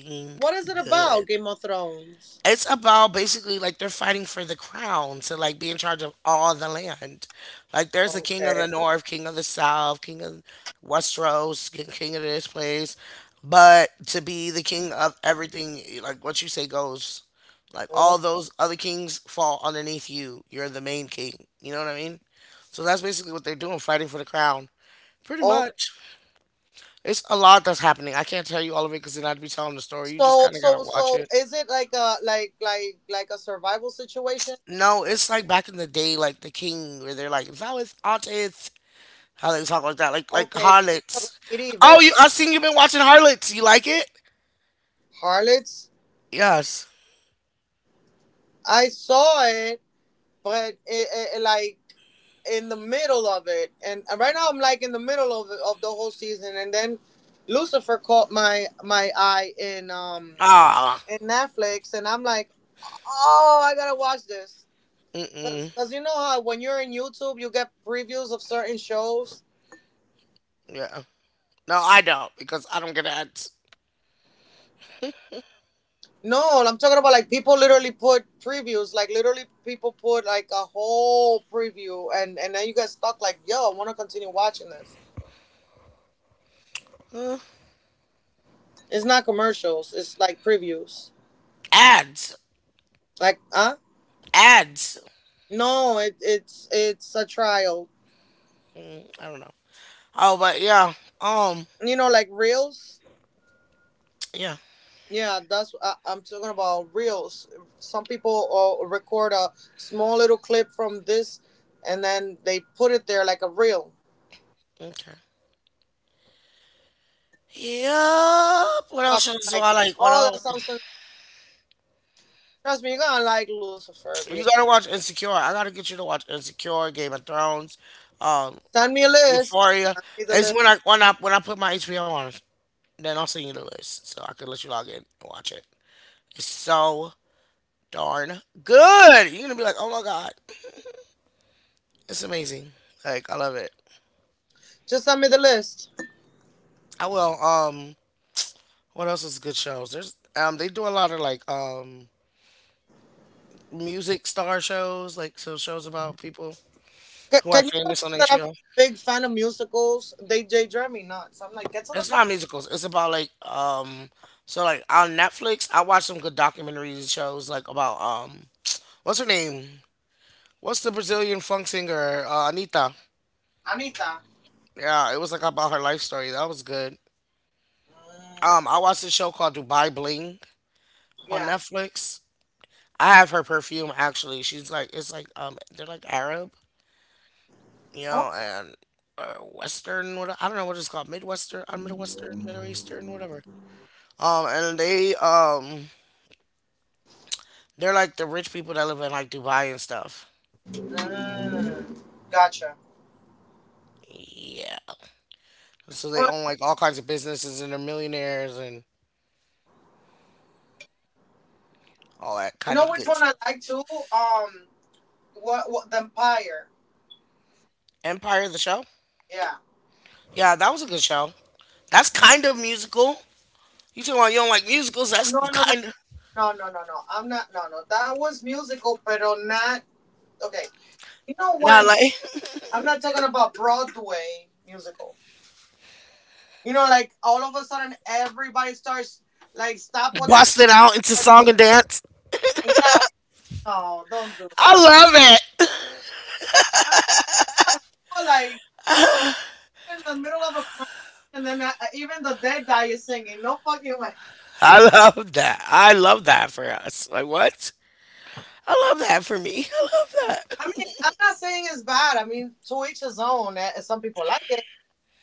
What is it about
good.
Game of Thrones?
It's about basically like they're fighting for the crown to like be in charge of all the land. Like there's a king of the
Okay.
north, king of the south, king of Westeros, king of this place. But to be the king of everything, like what you say goes. Like
Oh,
all those other kings fall underneath you. You're the main king. You know what I mean? So that's basically what they're doing, fighting for the crown. Pretty
okay.
much. It's a lot that's happening. I can't tell you all of it because then I'd be telling the story. You just
So
kind of gotta
so
watch
so
it.
is it like a a survival situation?
No, it's like back in the day, like the king, where they're like, "If I was artist," how they talk like that, like
Okay, so it's like
harlots. Oh,
medieval
you! I've seen you've been watching harlots. You like it?
harlots.
Yes.
I saw it, but like in the middle of it, and right now I'm like in the middle of it, of the whole season, and then Lucifer caught my my eye
Ah.
in Netflix, and I'm like, oh, I gotta watch this,
Mm-mm.
because you know how when you're in YouTube, you get previews of certain shows.
Yeah. No, I don't because I don't get ads.
No, I'm talking about like people literally put previews, like literally people put like a whole preview, and then you get stuck like, yo, I want to continue watching this.
Uh,
It's not commercials, it's like previews.
ads.
Like, huh?
Ads.
No, it's it's a trial.
I don't know. Oh, but yeah. Um.
You know, like reels.
Yeah.
Yeah, that's I'm talking about reels. Some people record a small little clip from this, and then they put it there like a reel.
Okay. Yep. What
So I'm
else shows do
like,
I like? What
oh,
else?
that sounds. So-" Trust me, you're gonna like Lucifer. If you
You gotta watch Insecure. I gotta get you to watch Insecure, Game of Thrones, um,
send me a list,
Euphoria.
send me the
It's
list.
when I put my HBO on, then I'll send you the list so I can let you log in and watch it. It's so darn good. You're gonna be like, oh my god, it's amazing. Like I love it.
Just send me the list.
I will. What else is good shows? There's they do a lot of like music star shows, like so shows about people
C-
who are
can you believe
famous on
that I'm a
HBO.
big fan of musicals? They drive me nuts. I'm like, get to the
It's
point,
not musicals. It's about like so like on Netflix I watch some good documentaries shows like about what's her name? What's the Brazilian funk singer? Anita.
Anita.
Yeah, it was like about her life story. That was good.
Mm,
I watched a show called Dubai Bling on
yeah.
Netflix. I have her perfume actually. She's like it's like they're like Arab, you
No?
know, and Western what I don't know what it's called, Middle Eastern, whatever. And they're like the rich people that live in like Dubai and stuff.
Mm, gotcha.
Yeah. So they
But
own like all kinds of businesses and they're millionaires and all that
you
kind
know
of
which
good
one I
stuff.
like too? Um, what the Empire?
Empire, the show.
Yeah.
Yeah, that was a good show. That's kind of musical. You talking about you don't like musicals? That's
No,
kind of
no. I'm not. No, no. That was musical, pero not. Okay. You know
not
when
like
I'm not talking about Broadway musical. You know, like all of a sudden everybody starts like stop what they're. Doing.
busting out into song and dance.
Yeah. No, don't do
I
that.
love it.
I know, like in the middle of a crime, and then even the dead guy is singing. No fucking way.
I love that. I love that for us. Like what? I love that for me. I love
I mean, I'm
that.
not saying it's bad. I mean, to each his own. Some people like it.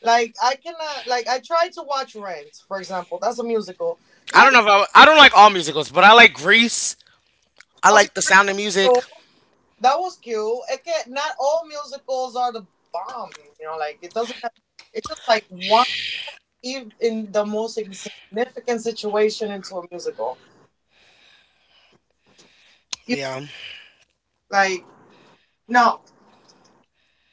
Like I cannot. Like I tried to watch Rent, for example. That's a musical.
I
Yeah.
don't know if I, I don't like all musicals, but I like Grease. I
Okay.
like the
Pretty
sound of music.
cool. That was cute. It can, not all musicals are the bomb. You know, like it doesn't. Have- It's just like why even in the most insignificant situation into a musical. You
Yeah,
like no.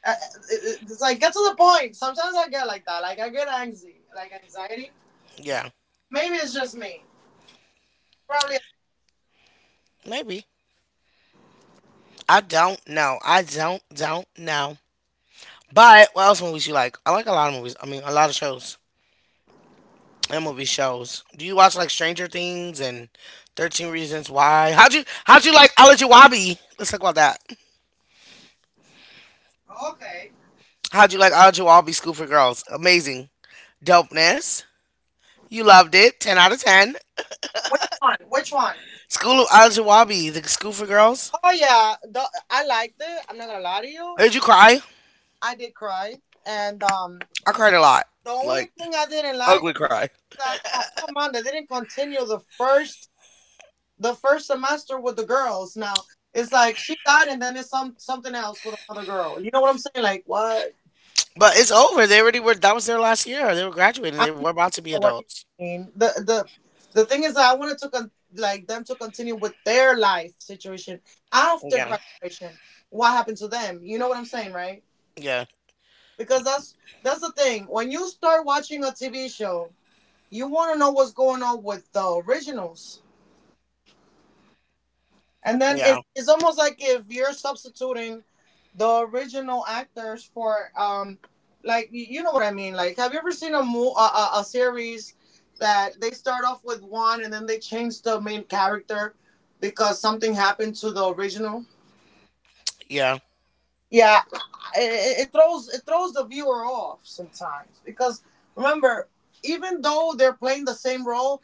Uh, It's like get to the point. Sometimes I get like that. Like I get anxiety. Like anxiety.
yeah.
Maybe it's just me. Probably.
Maybe. I don't know. I don't know. But what else movies you like? I like a lot of movies. I mean, a lot of shows and movie shows. Do you watch like Stranger Things and 13 Reasons Why? How'd you like Olajuwabi? Let's talk about that.
Okay.
How'd you like Olajuwabi School for Girls? Amazing, dopeness. You loved it. Ten out of ten.
Which one? Which one?
School of Olajuwabi, the School for Girls.
Oh yeah, the, I liked it. I'm not gonna lie to you.
Did you cry?
I did cry, and
I cried a lot,
the only
like
thing I didn't like
ugly
about it
cry.
is that oh come on, they didn't continue the first semester with the girls. Now it's like she died, and then it's some something else with another girl. You know what I'm saying? Like what?
But it's over. They already were. That was their last year. They were graduating.
I
They
know
were about to be
what you
adults.
mean. The thing is that I wanted to like them to continue with their life situation after
Yeah,
graduation. What happened to them? You know what I'm saying, right?
yeah,
Because that's the thing. When you start watching a TV show, you want to know what's going on with the originals, and then
yeah,
it's almost like if you're substituting the original actors for like you know what I mean. Like, have you ever seen a a series that they start off with one and then they change the main character because something happened to the original?
yeah,
Yeah, it throws the viewer off sometimes because remember, even though they're playing the same role,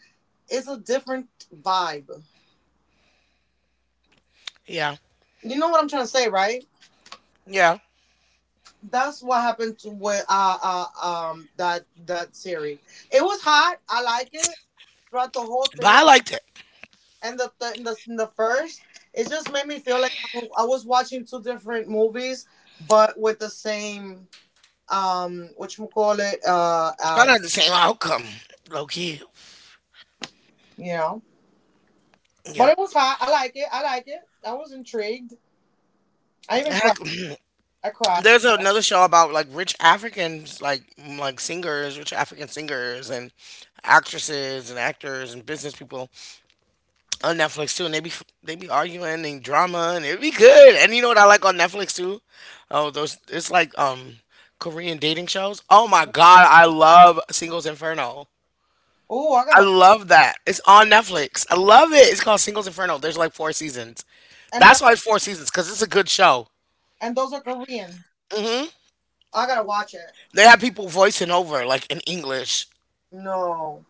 it's a different vibe.
yeah,
You know what I'm trying to say, right?
yeah.
That's what happened to with that series. It was hot. I like it throughout the whole
But
thing.
I liked it.
And the the first, it just made me feel like I was watching two different movies, but with the same what you call it
Kind of had the same outcome, low key.
you know. But
Yeah.
it was hot. I like it. I like it. I was intrigued. I even cried.
Heck,
I cried.
there's another show about like rich Africans, like like singers, rich African singers and actresses and actors and business people on Netflix too, and they be arguing and drama, and it be good. And you know what I like on Netflix too? Oh, those it's like Korean dating shows. Oh my god, I love Singles Inferno.
Oh, I
I
gotta
love
watch.
that. It's on Netflix. I love it. It's called Singles Inferno. There's like four seasons.
And those
That's why it's
are
four
Korean.
seasons because it's a good show.
And those are Korean.
hmm
I gotta watch it.
They have people voicing over like in English.
No,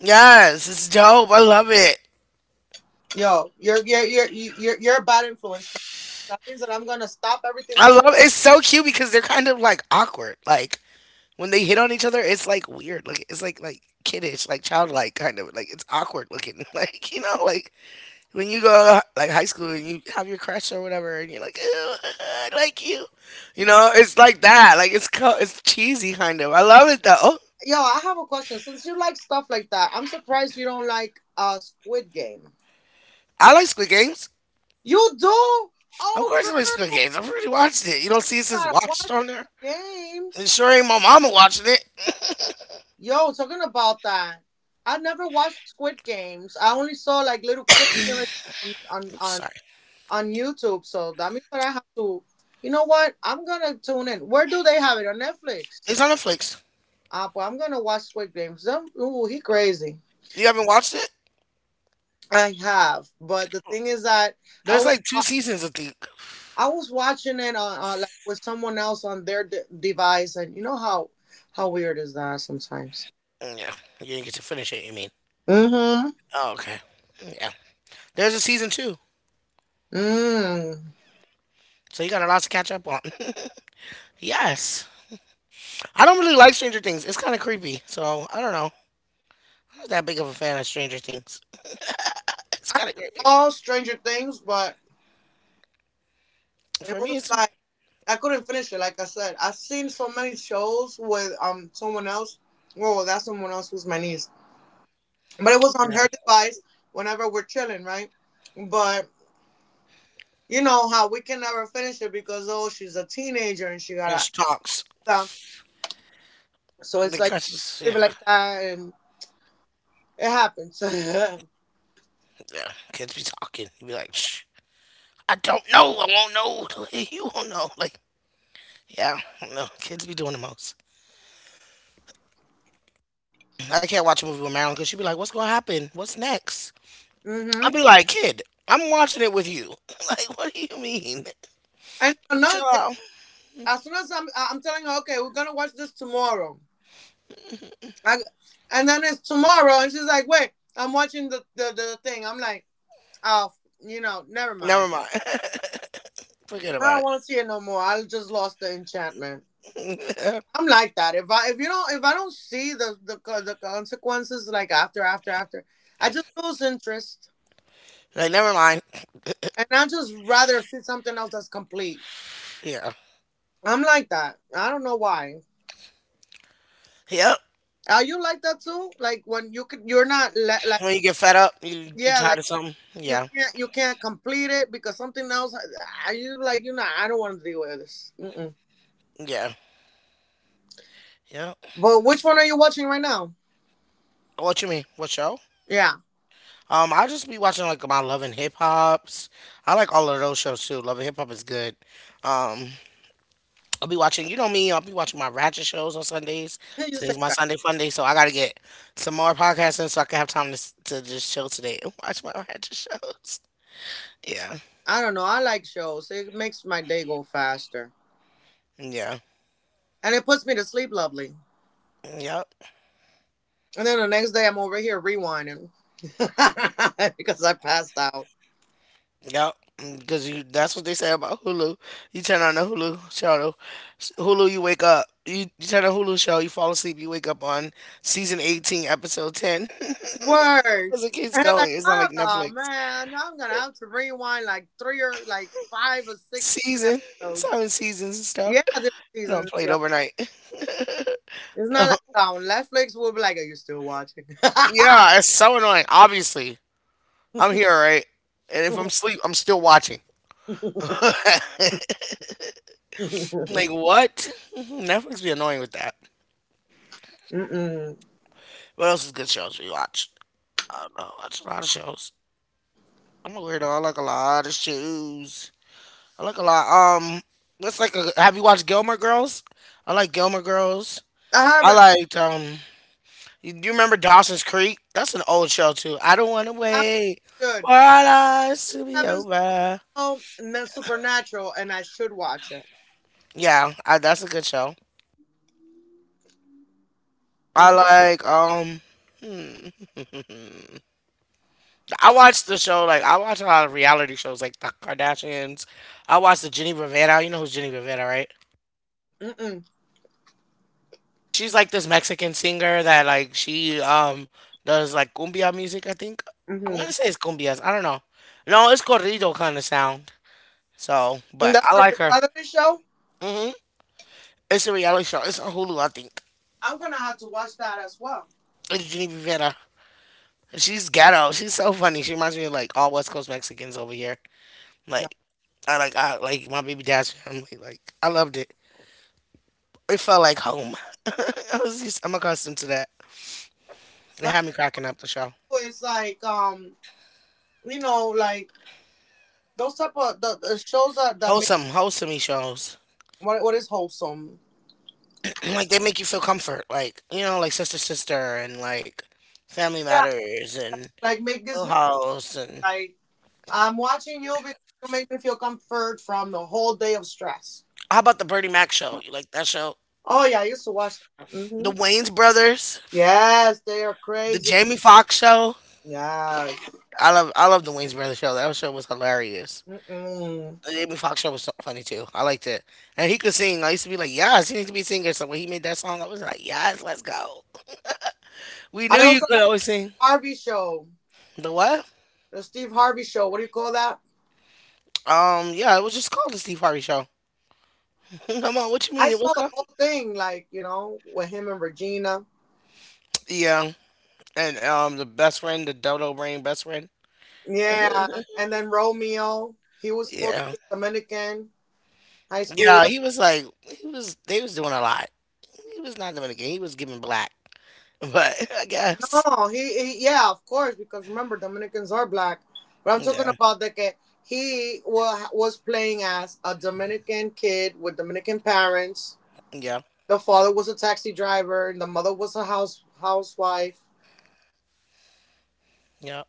Yes, it's dope. I love it.
yo, you're you- you're a bad influence. That means that I'm gonna stop everything.
I
I'm
love It's so cute because they're kind of like awkward. Like when they hit on each other, it's like weird. Like it's like kiddish, like childlike kind of. Like it's awkward looking. Like you know, like when you go to like high school and you have your crush or whatever, and you're like, "Ew, I like you," you know, it's like that. Like it's cheesy kind of. I love it though.
yo. I have a question. Since you like stuff like that, I'm surprised you don't like Squid Game.
I like Squid Games.
You do?
Of
Oh,
course,
girl,
I like Squid
you
Games. I've already watched it. You don't see it says
gotta
watched
watch
on there.
the
It
games.
sure ain't my mama watching it.
Yo, talking about that, I never watched Squid Games. I only saw like little clips here and there
Oops, sorry.
on YouTube. So that means that I have to. You know what? I'm gonna tune in. Where do they have it on
It's
Netflix?
on Netflix.
Ah, well, I'm gonna watch Squid Games. Them, ooh, he crazy.
You haven't watched it?
I have, but the thing is that I
There's
was
like two
wa-
seasons, I think.
I was watching it on like with someone else on their device, and you know how weird is that sometimes.
Mm, yeah, you didn't get to finish it. You mean?
Mm-hmm.
Oh, okay. Mm, yeah. There's a season two,
Mm.
so you got a lot to catch up on. Yes. I don't really like Stranger Things. It's kind of creepy. So I don't know. I'm not that big of a fan of Stranger Things. It's
I
kind of creepy.
saw Stranger Things, but it
For
was
me, it's
like I couldn't finish it. Like I said, I've seen so many shows with someone else. Well, that someone else was my niece, but it was
yeah.
on her device whenever we're chilling, right? But you know how we can never finish it because oh, she's a teenager and she got to
And she
act
talks.
out. So it's
The
like
curses,
people
yeah,
like that, and it happens.
yeah. Kids be talking. You be like, shh. I don't know. I won't know. You won't know. Like, yeah, no. Kids be doing the most. I can't watch a movie with Marilyn because she be like, what's gonna happen? What's next? I'll
hmm
be like, kid, I'm watching it with you. Like, what do you mean?
And
Chill
another thing,
out.
as soon as I'm telling her, okay, we're gonna watch this tomorrow. I, and then it's tomorrow, and she's like, "Wait, I'm watching the thing." I'm like, "Oh, you know, never mind.
Never mind. Forget
I don't
about
want to see it no more. I just lost the enchantment."
it.
I'm like that. If you don't if I don't see the consequences like after, I just lose interest,
Like, never mind.
and I just rather see something else that's complete.
Yeah.
I'm like that. I don't know why.
Yep.
Are you like that too? Like when you could, you're not like
When you get fed up, you
yeah,
tired
like
of something. Yeah.
you can't complete it because something else. I you like you know I don't want to deal with this. Mm-mm.
Yeah. Yeah.
But which one are you watching right now?
What you mean? What show?
Yeah,
I just be watching like my Love and Hip Hops. I like all of those shows too. Love and Hip Hop is good. Um, I'll be watching. You know me. I'll be watching my ratchet shows on Sundays.
you say
Today's my
right.
Sunday fun day, so I gotta get some more podcasting so I can have time to to just chill today and watch my ratchet shows. Yeah.
I don't know. I like shows. It makes my day go faster,
Yeah.
and it puts me to sleep lovely.
Yep.
And then the next day I'm over here rewinding because I passed out.
Yep, because you that's what they say about Hulu. You turn on the Hulu show, Hulu, you wake up. You turn on Hulu show, you fall asleep, you wake up on season 18, episode 10.
Word.
Because it keeps
And I'm like,
going. It's not
oh
like
no,
Netflix.
man, I'm gonna have to rewind like three or like five or six, seven
Season. It's
episodes.
having seasons and stuff.
Yeah, different
I don't
seasons,
play it
yo.
overnight.
It's not like on Netflix. We'll be like, "Are you still watching?"
Yeah, it's so annoying. Obviously, I'm here, right? And if I'm asleep, I'm still watching. Like, what? Netflix be annoying with that.
Mm-mm.
What else is good shows we watch? I don't know. I watch a lot of shows. I'm a weirdo. I like a lot of shoes. I like a lot. What's like a? Have you watched Gilmore Girls? I like Gilmore Girls.
I
I
haven't.
liked. Do you remember Dawson's Creek? That's an old show too. I don't want to
I
wait
should.
for our lives to
I
be
haven't seen
over.
and then Supernatural, and I should watch it.
That's a good show. I
Mm-hmm.
like. Hmm. I watch a lot of reality shows like the Kardashians. I watch the Jenny Rivera. You know who's Jenny Rivera, right?
Mm-mm.
She's like this Mexican singer that like she does like cumbia music. I think I
Mm-hmm.
want to say it's cumbias. I don't know. No, it's corrido kind of sound. So,
And
but
that's
I
a
like her.
reality show.
Hmm. It's a reality show. It's on Hulu, I think.
I'm gonna have to watch that as well.
It's Jenny Rivera. She's ghetto. She's so funny. She reminds me of like all West Coast Mexicans over here.
No,
Like I like my baby dad's family. Like I loved it. It felt like home. I'm accustomed to that. It
right?
had me cracking up the show.
Now it's like you know, like those type of the shows that that make
Wholesome, wholesome shows.
what is wholesome.
And, like they make you feel comfort, like you know, like sister sister and like Family
Yeah,
Matters and
like make this
Full
me
House and
like I'm watching you because you make me feel comfort from the whole day of stress.
how about the Bernie Mac show? You like that show?
Oh yeah, I used to watch that.
The
Hmm
Wayne's Brothers,
Yes, they are
the
crazy.
Jamie Foxx show.
Yes.
I love the Wayne's Brothers show. That show was hilarious.
Mm-mm.
The Jamie Foxx show was so funny too. I liked it, and he could sing. I used to be like, yes, he needs to be a singer. So when he made that song, I was like, yes, let's go. We knew
I
you
also
could
like the
always sing.
Harvey show,
The what?
the Steve Harvey show. What do you call that?
Yeah, it was just called the Steve Harvey Show. Come on, what you
I
mean? It was
saw the
called.
whole thing, like you know, with him and Regina.
Yeah, and the best friend, the dodo brain best friend.
Yeah, and then Romeo. He was supposed to
Yeah,
be a Dominican high
yeah.
schooler.
He was. They was doing a lot. He was not doing a game. He was giving black. But I guess.
Oh, he yeah, of course, because remember Dominicans are black. But I'm talking
Yeah,
about that kid. Was playing as a Dominican kid with Dominican parents.
yeah,
The father was a taxi driver, and the mother was a house housewife.
yeah,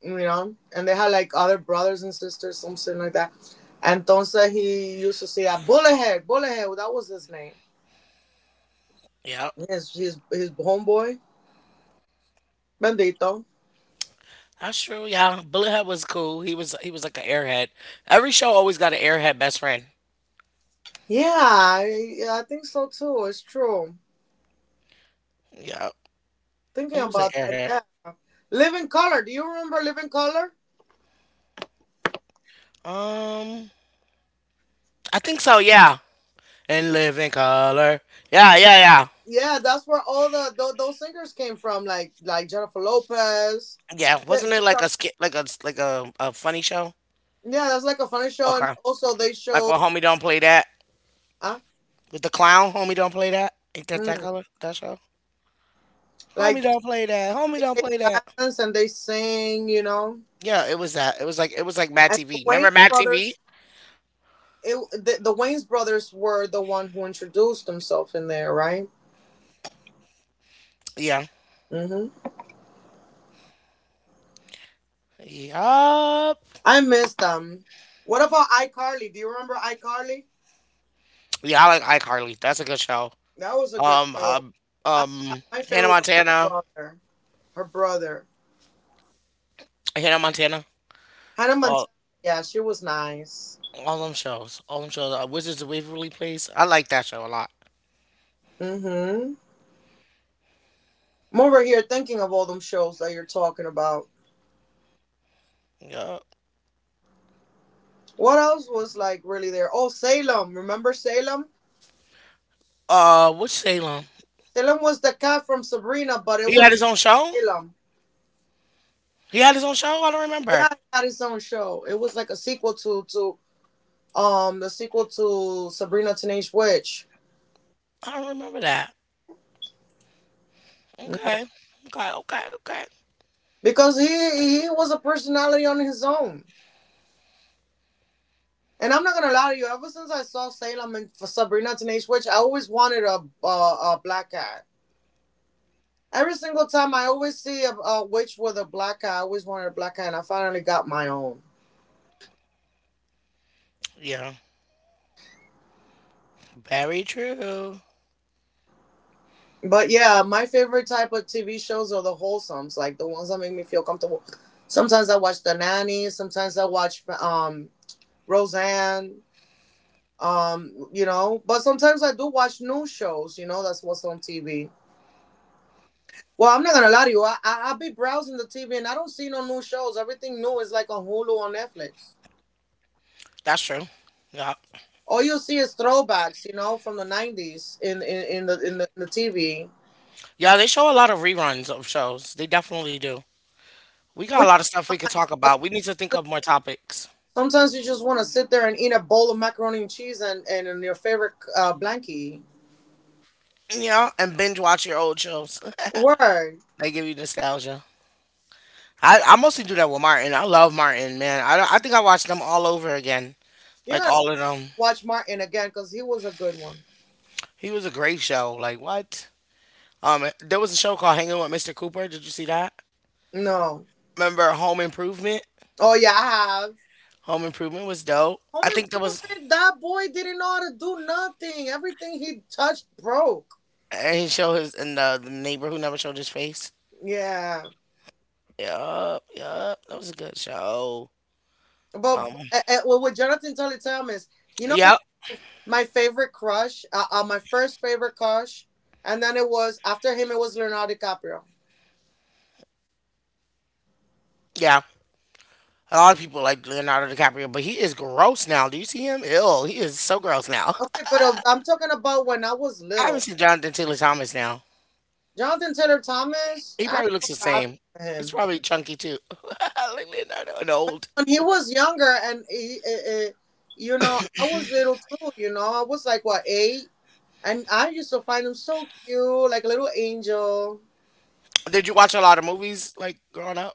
You know, and they had like other brothers and sisters, something like that. Entonces he used to say that Bullethead, that was his name.
yeah.
His homeboy, Bendito.
That's true. Yeah, Bullethead was cool. He was like an airhead. Every show always got an airhead best friend.
Yeah, I think so too. It's true.
Yeah,
Thinking
he was an
about that,
airhead.
yeah. Living Color. Do you remember Living Color?
Um, I think so. Yeah, and live in color. Yeah, yeah, yeah,
Yeah, that's where all the those singers came from, like Jennifer Lopez.
yeah.
Yeah,
Wasn't
she
it like a
started-
skit, like a funny show?
yeah, that's like a funny show, and
Okay.
also they
Like
showed
well, homie don't play that
uh,
with the clown. Homie don't play that. Ain't that that
mm,
color? That show.
like
Homie don't play that. Homie don't
they
play that.
dance and they sing, you know.
Yeah, it was that. It was like Mad
And the
TV. Remember
Wayne's
Mad TV?
brothers, the Wayne's brothers were the one who introduced themselves in there, right?
Yeah.
hmm
Yup.
I miss them. What about iCarly? Do you remember iCarly?
Yeah, I like iCarly. That's a good show.
That was a good
Um,
show.
um,
I, I
um,
my
Hannah
favorite was her
Montana.
brother. Her brother.
Hannah Montana.
Hannah
All,
Montana. Yeah, she was nice.
all them shows. All them shows. Wizards of Waverly Place. I like that show a lot.
Mm-hmm. I'm over here thinking of all them shows that you're talking about.
Yeah.
What else was like really there? Oh, Salem. Remember Salem?
Which Salem?
Salem was the cat from Sabrina, but it
He
was
had his own show.
Salem.
He had his own show. I don't
Yeah,
remember.
he had his own show. It was like a sequel to the sequel to Sabrina Teenage Witch.
I don't remember that.
Mm-hmm.
Okay. Okay. Okay. Okay.
Because he was a personality on his own. And I'm not gonna lie to you. Ever since I saw Salem and for Sabrina Teenage Witch, I always wanted a black cat. Every single time I always see a witch with a black cat, I always wanted a black cat, and I finally got my own.
Yeah. Very true.
But yeah, my favorite type of TV shows are the wholesomes, like the ones that make me feel comfortable. Sometimes I watch The Nanny. Sometimes I watch Roseanne. You know, but sometimes I do watch new shows. You know, that's what's on TV. Well, I'm not gonna lie to you. I be browsing the TV and I don't see no new shows. Everything new is like on Hulu or Netflix.
That's true. Yeah.
All you see is throwbacks, you know, from the '90s in the TV.
Yeah. They show a lot of reruns of shows. They definitely do. We got a
Which
lot of stuff
I
we
don't
could
mind
talk about. We
because
need to think of more topics.
sometimes you just want to sit there and eat a bowl of macaroni and cheese and your favorite blankie.
Yeah, and binge watch your old shows.
Word,
They give you nostalgia. I mostly do that with Martin. I love Martin, man. I think I watched them all over again.
you're
Like
gonna
all of them.
watch Martin again because he was a good one.
He was a great show. Like what? There was a show called Hanging with Mr. Cooper. Did you see that?
No,
Remember Home Improvement?
oh yeah, I have.
Home Improvement was dope.
Home
I think there was
improvement. That boy didn't know how to do nothing. Everything he touched broke.
and he showed his and the neighbor who never showed his face.
Yeah.
Yup, yup. That was a good show.
But,
Um,
well, with Jonathan Tully Thomas, you know, he
Yeah,
was my favorite crush, my first favorite crush. And then it was, after him, it was Leonardo DiCaprio.
yeah. A lot of people like Leonardo DiCaprio, but he is gross now. Do you see him? Ill. He is so gross now.
Okay, but I'm talking about when I was
I haven't
little.
seen Jonathan Taylor Thomas now.
Jonathan Taylor Thomas,
He
I don't
probably looks
know
the
what happened
same.
to
He's
him.
probably chunky too, like Leonardo and old.
When he was younger, and you know, I was little too, you know, I was like, what, eight? And I used to find him so cute, like a little angel.
Did you watch a lot of movies like growing up?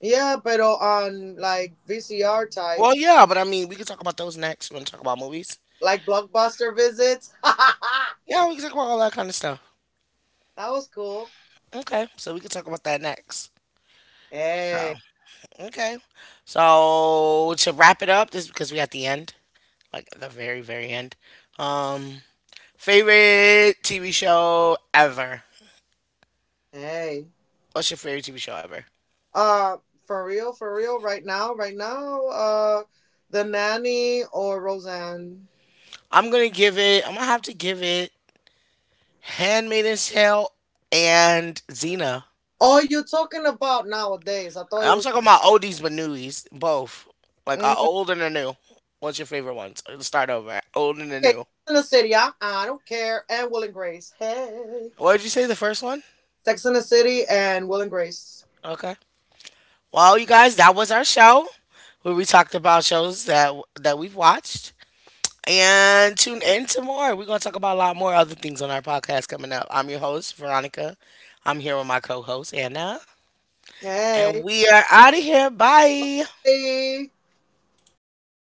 Yeah, but on like VCR type.
Well, yeah, but I mean, we could talk about those next. You want to talk about movies?
Like blockbuster visits. That
Yeah, we can talk about all that kind of stuff.
was cool.
Okay, so we can talk about that next. So,
Hey,
okay. So, to wrap it up, this is because we at the end, like the very, very end. Um, favorite TV show ever.
hey.
What's your favorite TV show ever?
Uh, for real, for real. Right now, right now. The nanny or Roseanne.
I'm gonna give it. I'm gonna have to give it Handmaiden's Tale and Xena.
Oh, you're talking about nowadays. I thought it
I'm
was
talking about oldies but newies, both. Like
mm,
our
okay.
old and the new. What's your favorite ones? Let's start over. Old and the
Sex
new.
in the City. I don't care. And Will and Grace. Hey,
What did you say? The first one?
Sex in the City and Will and Grace.
Okay. Well, you guys, that was our show where we talked about shows that that we've watched. And tune in to more. We're gonna talk about a lot more other things on our podcast coming up. I'm your host, Veronica. I'm here with my co-host Anna. And
Hey.
we are out of here. Bye.
Hey.